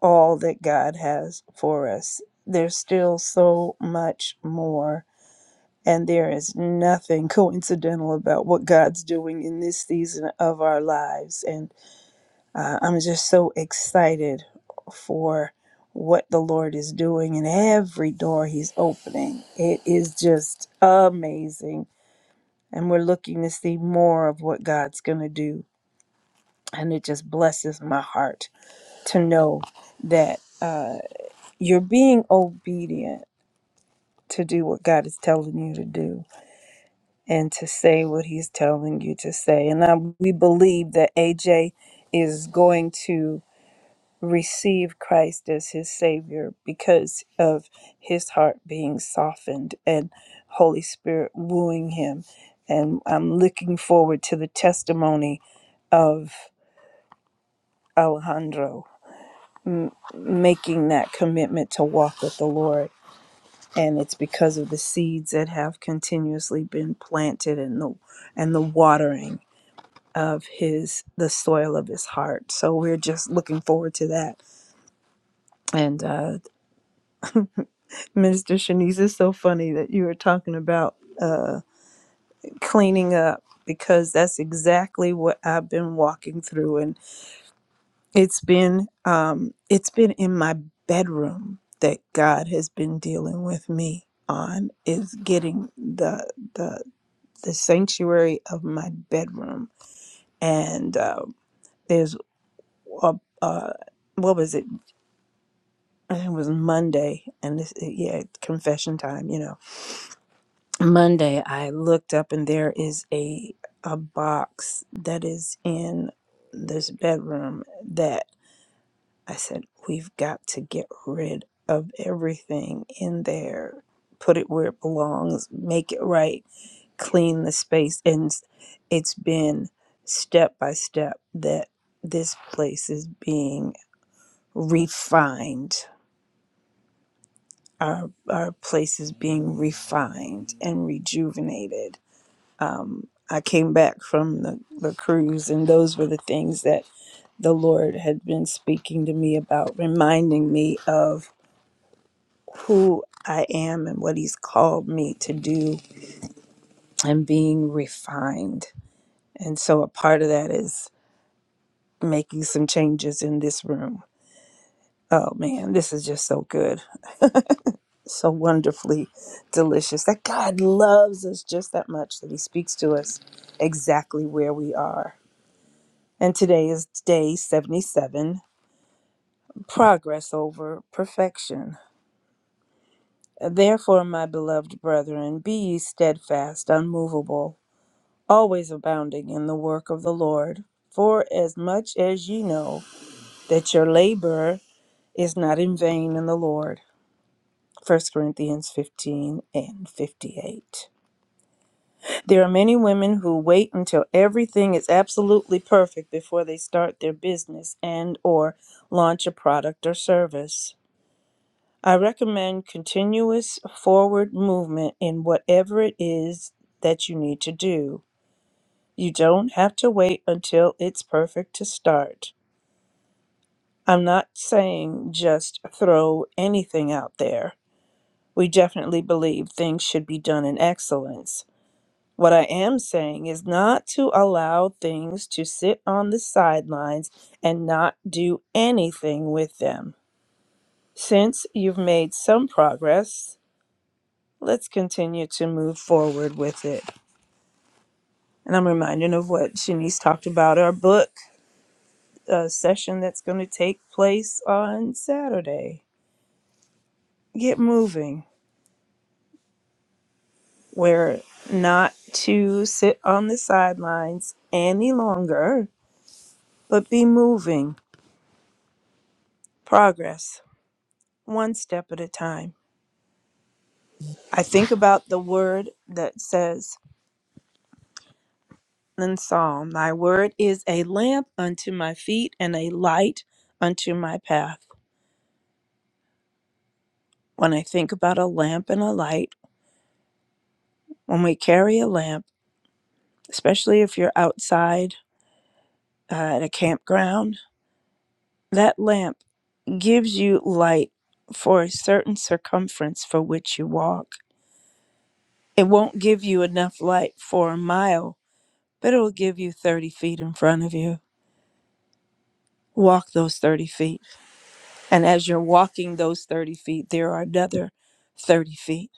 all that God has for us. There's still so much more, and there is nothing coincidental about what God's doing in this season of our lives. And uh, I'm just so excited for what the Lord is doing and every door He's opening. It is just amazing and we're looking to see more of what God's going to do. and it just blesses my heart to know that uh, you're being obedient to do what God is telling you to do and to say what He's telling you to say. And I, we believe that AJ is going to receive Christ as his Savior because of his heart being softened and Holy Spirit wooing him. And I'm looking forward to the testimony of Alejandro m- making that commitment to walk with the Lord. And it's because of the seeds that have continuously been planted and the and the watering of his the soil of his heart. So we're just looking forward to that. And uh, Minister Shanice, it's so funny that you were talking about uh, cleaning up because that's exactly what I've been walking through It's been um it's been in my bedroom that God has been dealing with me on is getting the the the sanctuary of my bedroom and uh, there's a, uh what was it? I think It was Monday, and this yeah, confession time. You know, Monday I looked up and there is a a box that is in this bedroom I said, we've got to get rid of everything in there, put it where it belongs, make it right, clean the space. And it's been step by step that this place is being refined. Our, our place is being refined and rejuvenated. I came back from the, the cruise, and those were the things that the Lord had been speaking to me about, reminding me of who I am and what He's called me to do and being refined. And so a part of that is making some changes in this room. Oh man, this is just so good, so wonderfully delicious that God loves us just that much that He speaks to us exactly where we are. And today is day 77 progress over perfection. Therefore, my beloved brethren, be ye steadfast, unmovable always abounding in the work of the Lord. For as much as ye know that your labor is not in vain in the Lord. First Corinthians 15 and 58. There are many women who wait until everything is absolutely perfect before they start their business and or launch a product or service. I recommend continuous forward movement in whatever it is that you need to do. You don't have to wait until it's perfect to start. I'm not saying just throw anything out there. We definitely believe things should be done in excellence. What I am saying is not to allow things to sit on the sidelines and not do anything with them. Since you've made some progress, let's continue to move forward with it. And I'm reminded of what Shanice talked about our book uh, session that's going to take place on Saturday. Get moving. We're not to sit on the sidelines any longer, but be moving. Progress, one step at a time. I think about the word that says in Psalm, Thy word is a lamp unto my feet and a light unto my path. When I think about a lamp and a light, when we carry a lamp, especially if you're outside, uh, at a campground. That lamp gives you light for a certain circumference for which you walk. It won't give you enough light for a mile, but it will give you 30 feet in front of you. Walk those 30 feet. And as you're walking those 30 feet, there are another 30 feet.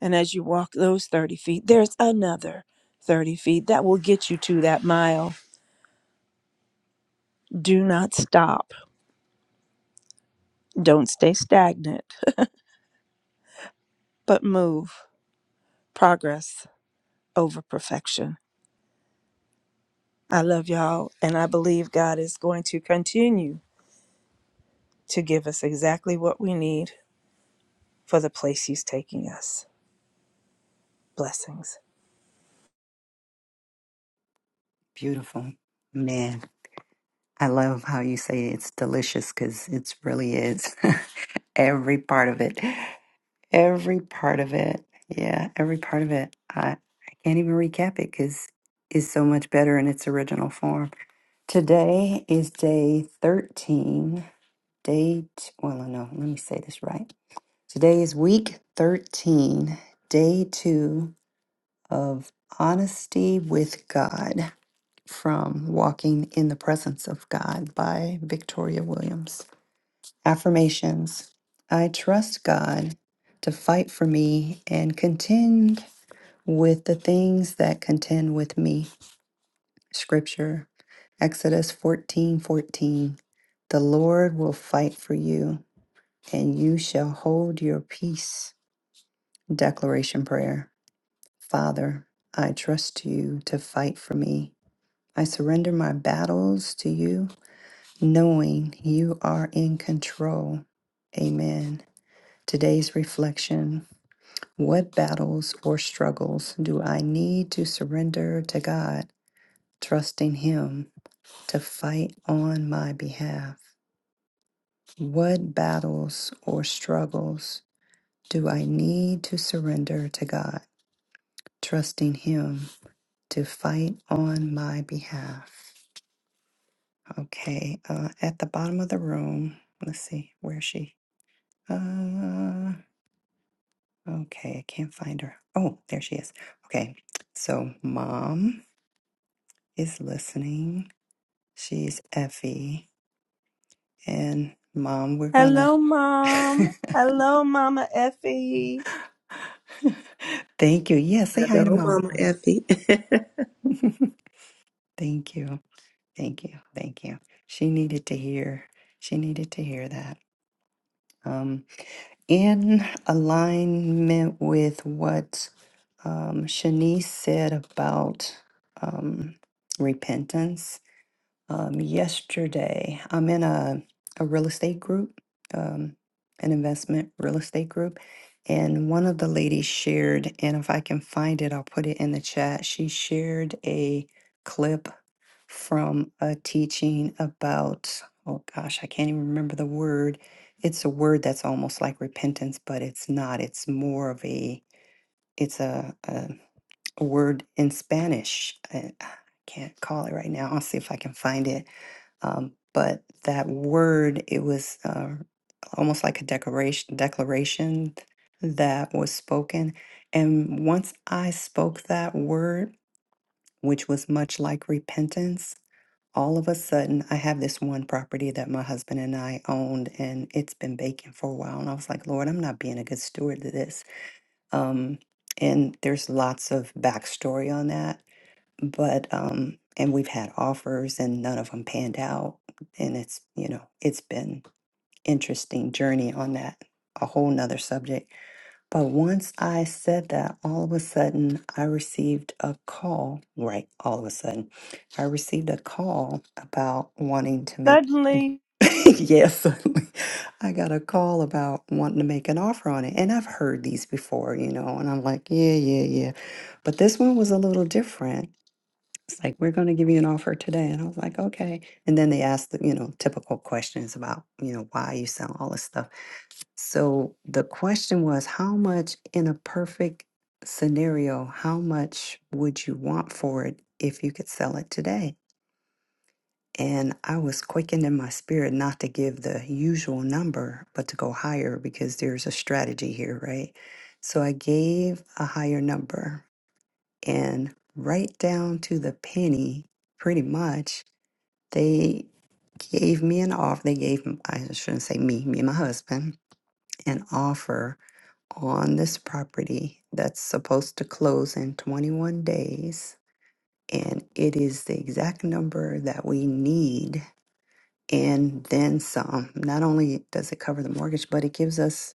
And as you walk those 30 feet, there's another 30 feet that will get you to that mile. Do not stop. Don't stay stagnant, but move. Progress. over perfection. I love y'all, and I believe God is going to continue to give us exactly what we need for the place He's taking us. Blessings.
Beautiful. Man, I love how you say it's delicious because it really is. every part of it. Every part of it. Yeah, every part of it. I, I can't even recap it because it's so much better in its original form. Today is day 13. Day, t- well, no, let me say this right. Today is week 13, day two of Honesty with God from Walking in the Presence of God by Victoria Williams. Affirmations I trust God to fight for me and contend with the things that contend with me. Scripture Exodus fourteen fourteen. The Lord will fight for you, and you shall hold your peace. Declaration Prayer Father, I trust you to fight for me I surrender my battles to you, knowing you are in control. Amen. Today's reflection What battles or struggles do I need to surrender to God, trusting Him to fight on my behalf? What battles or struggles do I need to surrender to God, trusting Him to fight on my behalf? Okay, uh, at the bottom of the room. Let's see, where is she? Uh, okay, I can't find her. Oh, there she is. Okay, so mom is listening. She's Effie. And mom, we're gonna.
Hello, Mom. Hello, Mama Effie.
Thank you. Yeah, say hi to
Hello,
mom.
Mama Effie.
Thank you. Thank you. Thank you. She needed to hear. She needed to hear that. Um, in alignment with what um, Shanice said about um, repentance. Um, yesterday, I'm in a, a real estate group, um, an investment real estate group, and one of the ladies shared, and if I can find it, I'll put it in the chat. She shared a clip from a teaching about, oh gosh, I can't even remember the word. It's a word that's almost like repentance, but it's not. It's more of a, it's a, a a word in Spanish. I, I can't call it right now. I'll see if I can find it. Um, but that word, it was uh, almost like a declaration, declaration that was spoken. And once I spoke that word, which was much like repentance, all of a sudden I have this one property that my husband and I owned, and it's been vacant for a while. And I was like, Lord, I'm not being a good steward to this. Um, and there's lots of backstory on that but um and we've had offers and none of them panned out and it's you know it's been interesting journey on that a whole nother subject but once i said that all of a sudden i received a call right all of a sudden i received a call about wanting to make
Suddenly,
yes suddenly i got a call about wanting to make an offer on it and i've heard these before you know and i'm like yeah yeah yeah but this one was a little different it's like, we're going to give you an offer today. And I was like, okay. And then they asked, the, you know, typical questions about, you know, why you sell all this stuff. So the question was, how much in a perfect scenario, how much would you want for it if you could sell it today? And I was quickened in my spirit not to give the usual number, but to go higher because there's a strategy here, right? So I gave a higher number and right down to the penny, pretty much they gave me an offer. They gave, m- I shouldn't say me, me and my husband, an offer on this property that's supposed to close in 21 days. And it is the exact number that we need and then some. Not only does it cover the mortgage, but it gives us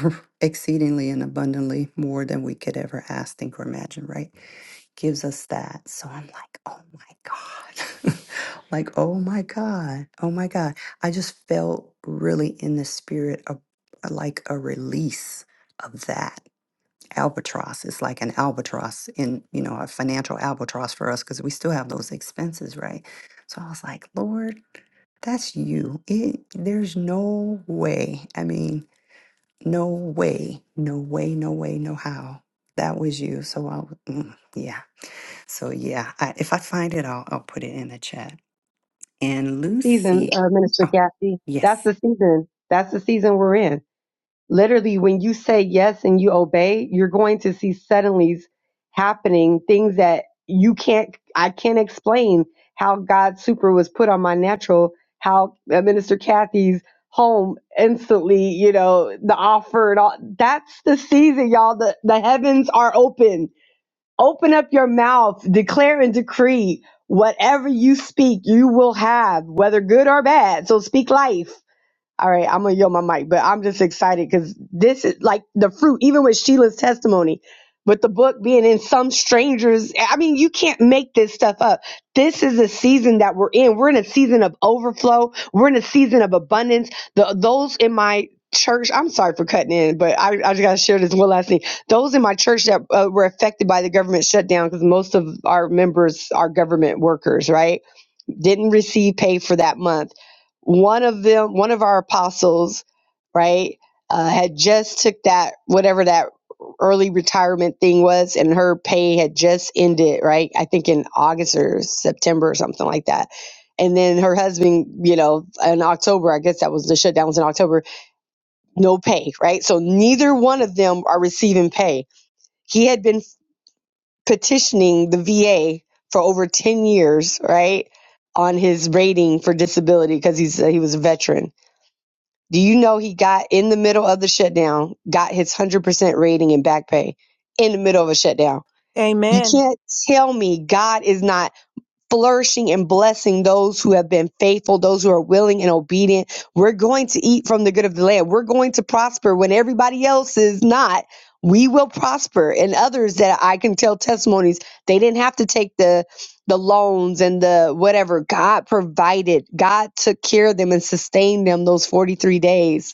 exceedingly and abundantly more than we could ever ask, think, or imagine, right? Gives us that. So I'm like, oh my God. like, oh my God. Oh my God. I just felt really in the spirit of uh, like a release of that albatross. It's like an albatross in, you know, a financial albatross for us because we still have those expenses, right? So I was like, Lord. That's you. It, there's no way. I mean, no way, no way, no way, no how. That was you. So I, w- mm, yeah. So yeah, I, if I find it, I'll, I'll put it in the chat. And Lucy,
Minister
oh,
Kathy, that's
yes,
the season. That's the season we're in. literally when you say yes and you obey you're going to see suddenlies happening things that you can't i can't explain how god super was put on my natural how uh, minister kathy's home instantly you know the offer and all that's the season y'all the, the heavens are open open up your mouth declare and decree whatever you speak you will have whether good or bad so speak life all right, I'm gonna yell my mic, but I'm just excited because this is like the fruit, even with Sheila's testimony, with the book being in some strangers. I mean, you can't make this stuff up. This is a season that we're in. We're in a season of overflow. We're in a season of abundance. The those in my church, I'm sorry for cutting in, but I, I just gotta share this one last thing. Those in my church that uh, were affected by the government shutdown, because most of our members are government workers, right? didn't receive pay for that month. One of them, one of our apostles, right, uh, had just took that whatever that early retirement thing was, and her pay had just ended, right? I think in August or September or something like that. And then her husband, you know, in October, I guess that was the shutdown was in October, no pay, right? So neither one of them are receiving pay. He had been petitioning the VA for over 10 years, right? On his rating for disability because he's he was a veteran. Do you know he got in the middle of the shutdown, got his 100% rating and back pay in the middle of a shutdown? You
Amen.
can't tell me God is not flourishing and blessing those who have been faithful, those who are willing and obedient. We're going to eat from the good of the land. We're going to prosper when everybody else is not. We will prosper. And others that I can tell testimonies, they didn't have to take the the loans and the whatever. God provided. God took care of them and sustained them those 43 days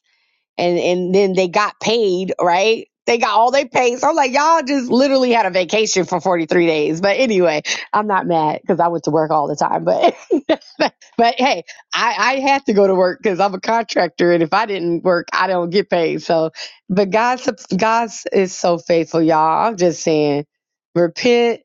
and and then they got paid, right? They got all they paid. So I'm like, y'all just literally had a vacation for 43 days. But anyway, I'm not mad because I went to work all the time. But but but hey, I, I had to go to work because I'm a contractor, and if I didn't work, I don't get paid. So, but God's God's is so faithful, y'all. I'm just saying, repent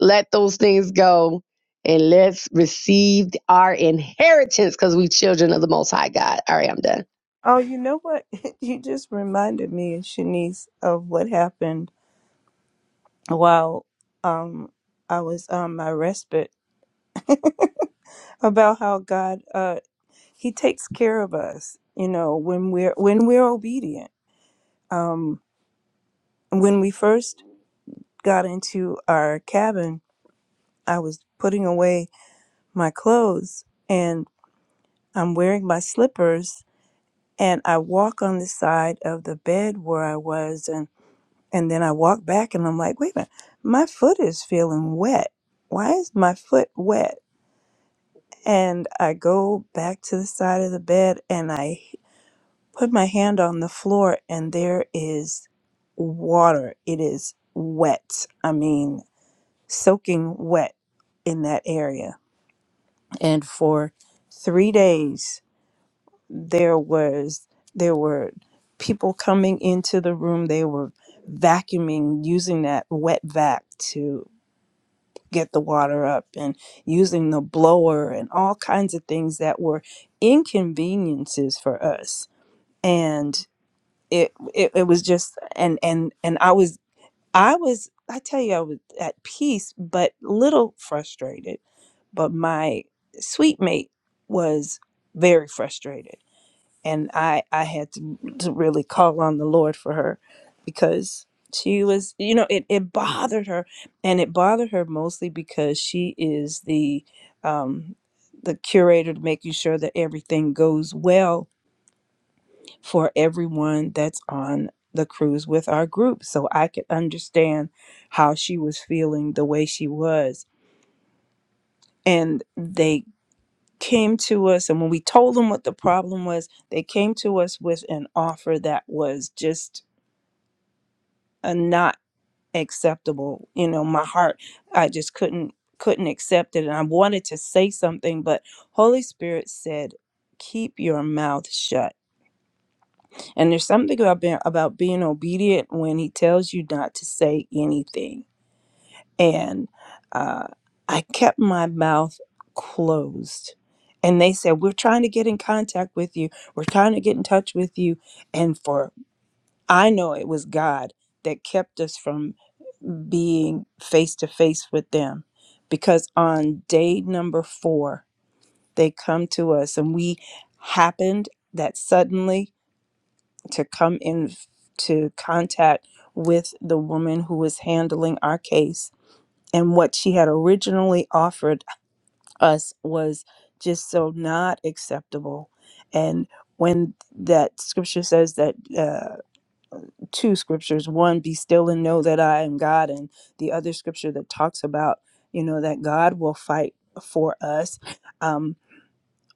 let those things go and let's receive our inheritance because we children of the Most High God. All right, I'm done.
Oh, you know what? you just reminded me, Shanice, of what happened while um I was on my respite about how God uh He takes care of us. You know, when we're when we're obedient Um, when we first got into our cabin, I was putting away my clothes and I'm wearing my slippers and I walk on the side of the bed where I was and and then I walk back and I'm like, wait a minute, my foot is feeling wet. Why is my foot wet? And I go back to the side of the bed and I put my hand on the floor and there is water. It is wet. I mean, soaking wet in that area. And for three days, there was there were people coming into the room. They were vacuuming, using that wet vac to get the water up, and using the blower, and all kinds of things that were inconveniences for us. And it, it, it was just and and and I was I was, I tell you, I was at peace, but little frustrated. But my sweet mate was very frustrated. And I, I had to, to really call on the Lord for her because she was, you know, it, it bothered her. And it bothered her mostly because she is the, um, the curator to making sure that everything goes well for everyone that's on the cruise with our group so I could understand how she was feeling the way she was. And they came to us, and when we told them what the problem was, they came to us with an offer that was just uh not acceptable. You know, my heart, I just couldn't couldn't accept it and I wanted to say something but Holy Spirit said keep your mouth shut And there's something about being, about being obedient when he tells you not to say anything. And uh, I kept my mouth closed. And they said, We're trying to get in contact with you. We're trying to get in touch with you. And for I know it was God that kept us from being face to face with them. Because on day number four, they come to us and we happened that suddenly to come in f- to contact with the woman who was handling our case. And what she had originally offered us was just so not acceptable. And when that scripture says that uh, two scriptures, one, be still and know that I am God, and the other scripture that talks about, you know, that God will fight for us. um,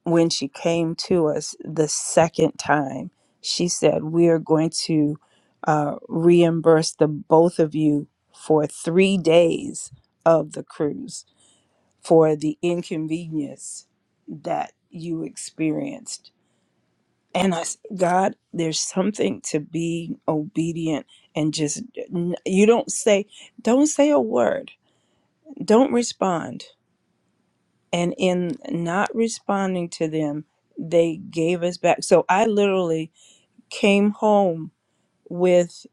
when she came to us the second time, she said, We are going to uh, reimburse the both of you for three days of the cruise for the inconvenience that you experienced. And I said, God, there's something to be obedient and just, you don't say, don't say a word, don't respond and in not responding to them they gave us back so i literally came home with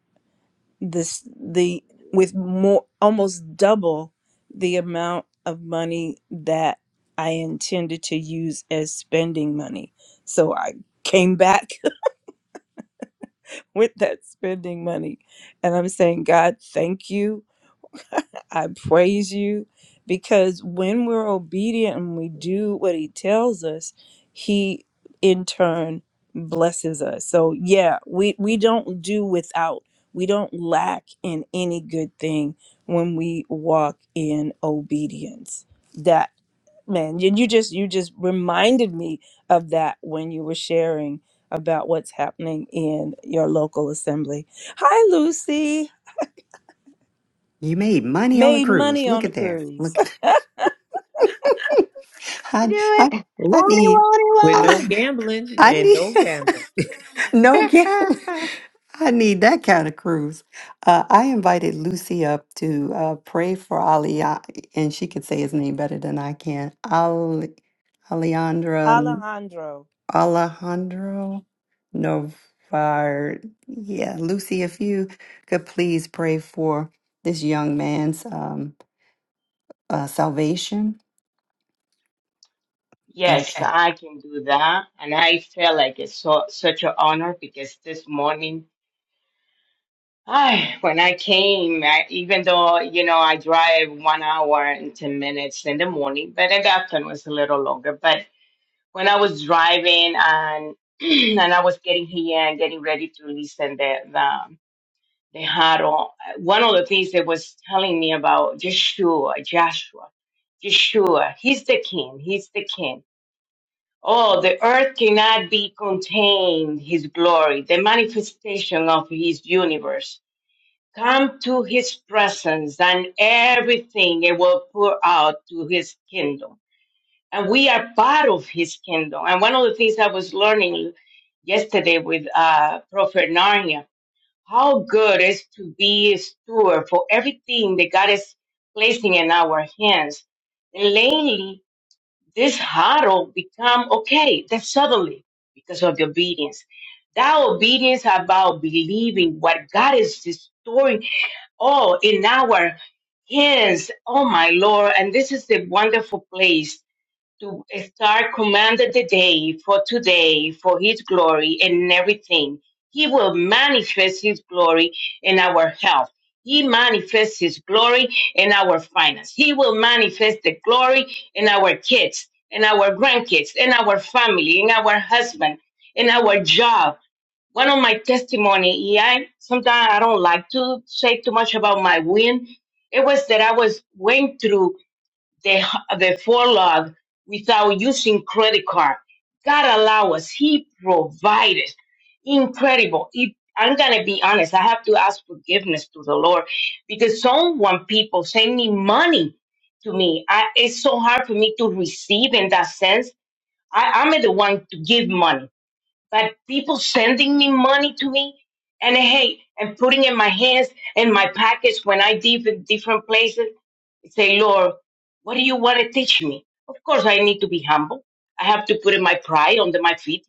this the with more almost double the amount of money that i intended to use as spending money so i came back with that spending money and i'm saying god thank you I praise you because when we're obedient and we do what he tells us, he in turn blesses us. So yeah, we we don't do without. We don't lack in any good thing when we walk in obedience. That man, you, you just you just reminded me of that when you were sharing about what's happening in your local assembly. Hi Lucy,
you made money on a
made
cruise.
money
Look
on a
at there.
cruise.
Look, I,
do
I,
it. Won't
I
it,
need,
won't it,
With
won't it?
no
I,
gambling
I
and
need.
no gambling.
No gift. I need that kind of cruise. Uh, I invited Lucy up to uh, pray for Ali, uh, and she could say his name better than I can. Ali, Alejandra, N-
Alejandro.
Alejandro Novar. Yeah, Lucy, if you could please pray for this young man's um, uh, salvation. Thank
Yes,
you.
I can do that. And I feel like it's so, such an honor because this morning, I, when I came, I, even though, you know, I drive one hour and 10 minutes in the morning, but in the afternoon it's a little longer. But when I was driving and and I was getting here and getting ready to listen the the the huddle, one of the things that was telling me about Joshua, Joshua, Yeshua, he's the king, he's the king. Oh, the earth cannot be contained, his glory, the manifestation of his universe. Come to his presence and everything it will pour out to his kingdom. And we are part of his kingdom. And one of the things I was learning yesterday with uh, Prophet Narnia, how good it is to be a steward for everything that God is placing in our hands. This hurdle become okay then suddenly because of the obedience. That obedience about believing what God is restoring all in our hands. Oh my Lord. And this is the wonderful place to start commanding the day for today for his glory and everything. He will manifest his glory in our health. He manifests his glory in our finance. He will manifest the glory in our kids, in our grandkids, in our family, in our husband, in our job. One of my testimony, yeah, I sometimes I don't like to say too much about my win. It was that I was went through the, the forelock without using credit card. God allow us. He provided. Incredible. If- I'm going to be honest. I have to ask forgiveness to the Lord because someone, people send me money to me. I, it's so hard for me to receive in that sense. I, I'm the one to give money, but people sending me money to me and hey, and putting in my hands and my pockets when I leave in different places say, Lord, what do you want to teach me? Of course, I need to be humble. I have to put in my pride under my feet.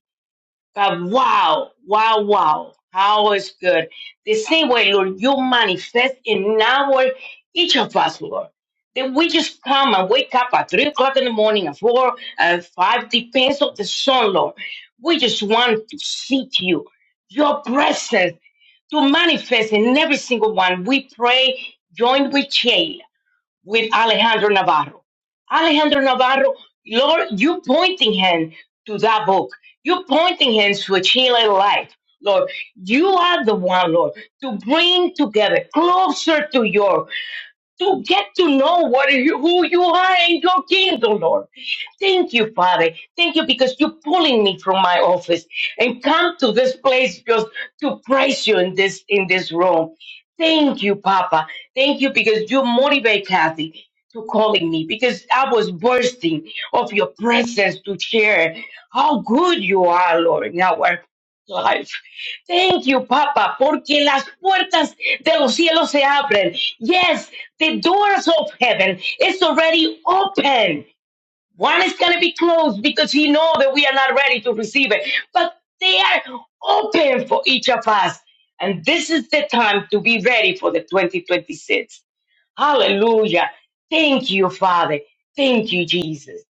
But wow, wow, wow, how is good. The same way, Lord, you manifest in our each of us, Lord. That we just come and wake up at three o'clock in the morning, at four, at five, depends on the sun, Lord. We just want to seek you, your presence to manifest in every single one. We pray, join with Jay with Alejandro Navarro. Alejandro Navarro, Lord, you pointing him to that book. You pointing him to a Chilean life. Lord, you are the one, Lord, to bring together closer to your to get to know what you, who you are in your kingdom, Lord. Thank you, Father. Thank you because you're pulling me from my office and come to this place just to praise you in this in this room. Thank you, Papa. Thank you because you motivate Kathy to calling me because I was bursting of your presence to share how good you are, Lord, in our life. Thank you, Papa, porque las puertas de los cielos se abren. Yes, the doors of heaven is already open. One is going to be closed because he know that we are not ready to receive it. But they are open for each of us. And this is the time to be ready for the 2026. Hallelujah. Thank you, Father. Thank you, Jesus.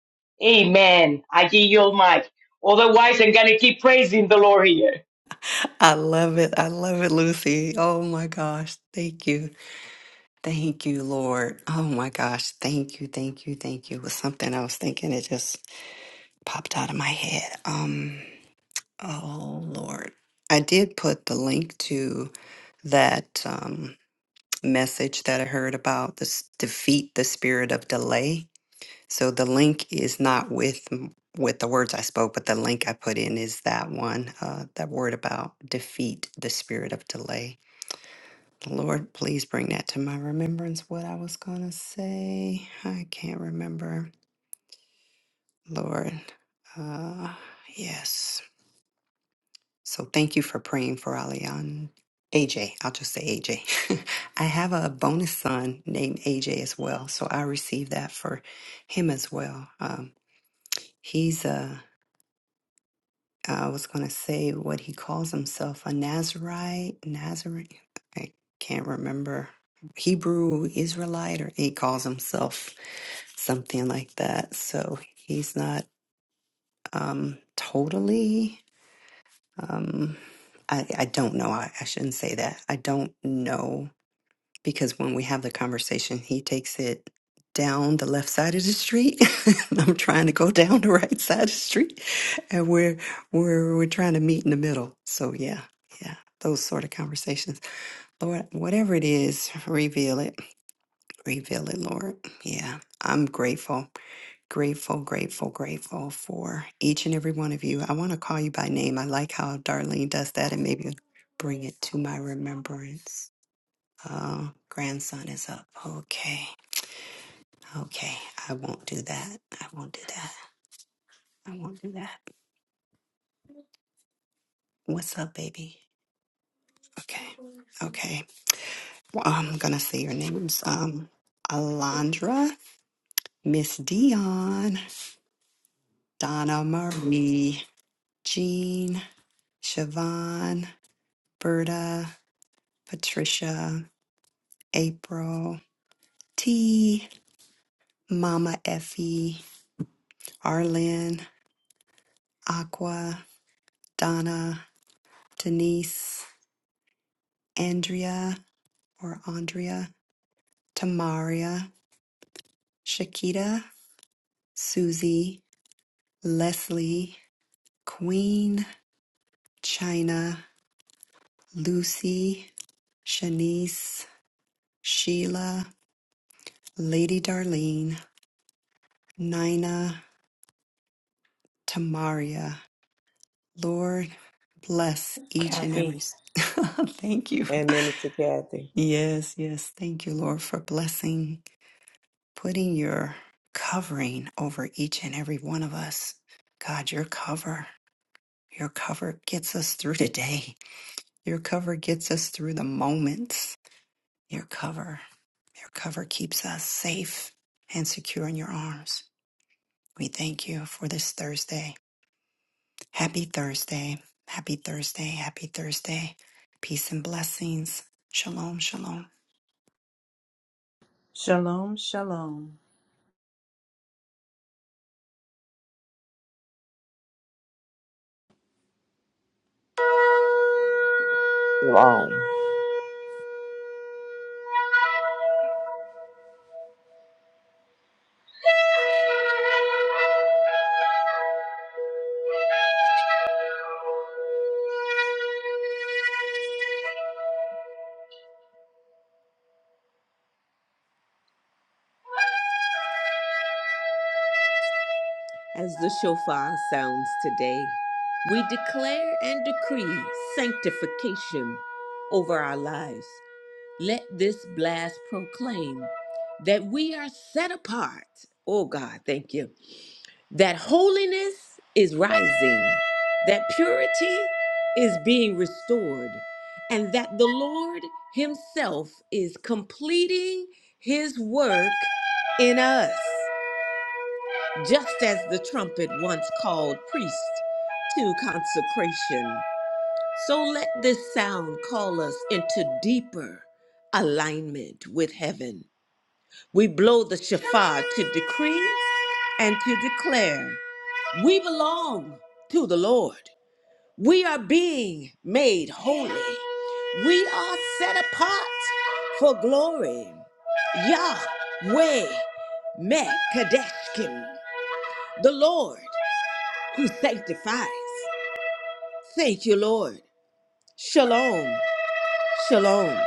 Amen. I give you all mic. Otherwise, I'm going to keep praising the Lord here.
I love it. I love it, Lucy. Oh my gosh. Thank you. Thank you, Lord. Oh my gosh. Thank you, thank you, thank you. It was something I was thinking, it just popped out of my head. Um, oh Lord. I did put the link to that um, message that I heard about this defeat the spirit of delay. So the link is not with m- with the words I spoke, but the link I put in is that one, uh, that word about defeat the spirit of delay. Lord, please bring that to my remembrance. What I was going to say, I can't remember. Lord, uh, yes. So thank you for praying for Alian. AJ, I'll just say AJ. I have a bonus son named AJ as well. So I received that for him as well. Um, he's a, I was going to say what he calls himself, a Nazarite, Nazarene. I can't remember. Hebrew Israelite, or he calls himself something like that. So he's not um, totally. Um, I, I don't know. I, I shouldn't say that. I don't know because when we have the conversation, he takes it down the left side of the street. And I'm trying to go down the right side of the street, and we're we're we're trying to meet in the middle. So yeah, yeah, those sort of conversations. Lord, whatever it is, reveal it, reveal it, Lord. Yeah, I'm grateful. Grateful, grateful, grateful for each and every one of you. I want to call you by name. I like how Darlene does that and maybe bring it to my remembrance. Uh, grandson is up. Okay. Okay. I won't do that. I won't do that. I won't do that. What's up, baby? Okay. Okay. Well, I'm going to say your names. Um, Alondra, Miss Dion, Donna Marie, Jean, Siobhan, Berta, Patricia, April, T, Mama Effie, Arlen, Aqua, Donna, Denise, Andrea or Andrea, Tamaria, Shakita, Susie, Leslie, Queen, China, Lucy, Shanice, Sheila, Lady Darlene, Nina, Tamaria. Lord, bless each and every. thank you.
and Minister Kathy.
Yes, yes. Thank you, Lord, for blessing, putting your covering over each and every one of us. God, your cover, your cover gets us through today. Your cover gets us through the moments. Your cover, your cover keeps us safe and secure in your arms. We thank you for this Thursday. Happy Thursday. Happy Thursday. Happy Thursday. Peace and blessings. Shalom, shalom.
Shalom, shalom.
Shalom.
As the shofar sounds today, we declare and decree sanctification over our lives. Let this blast proclaim that we are set apart. Oh God, thank you. That holiness is rising, that purity is being restored, and that the Lord Himself is completing His work in us, just as the trumpet once called priest to consecration. So let this sound call us into deeper alignment with heaven. We blow the shofar to decree and to declare we belong to the Lord. We are being made holy. We are set apart for glory. Yahweh Mekadeshkim, the Lord who sanctifies. Thank you, Lord. Shalom. Shalom.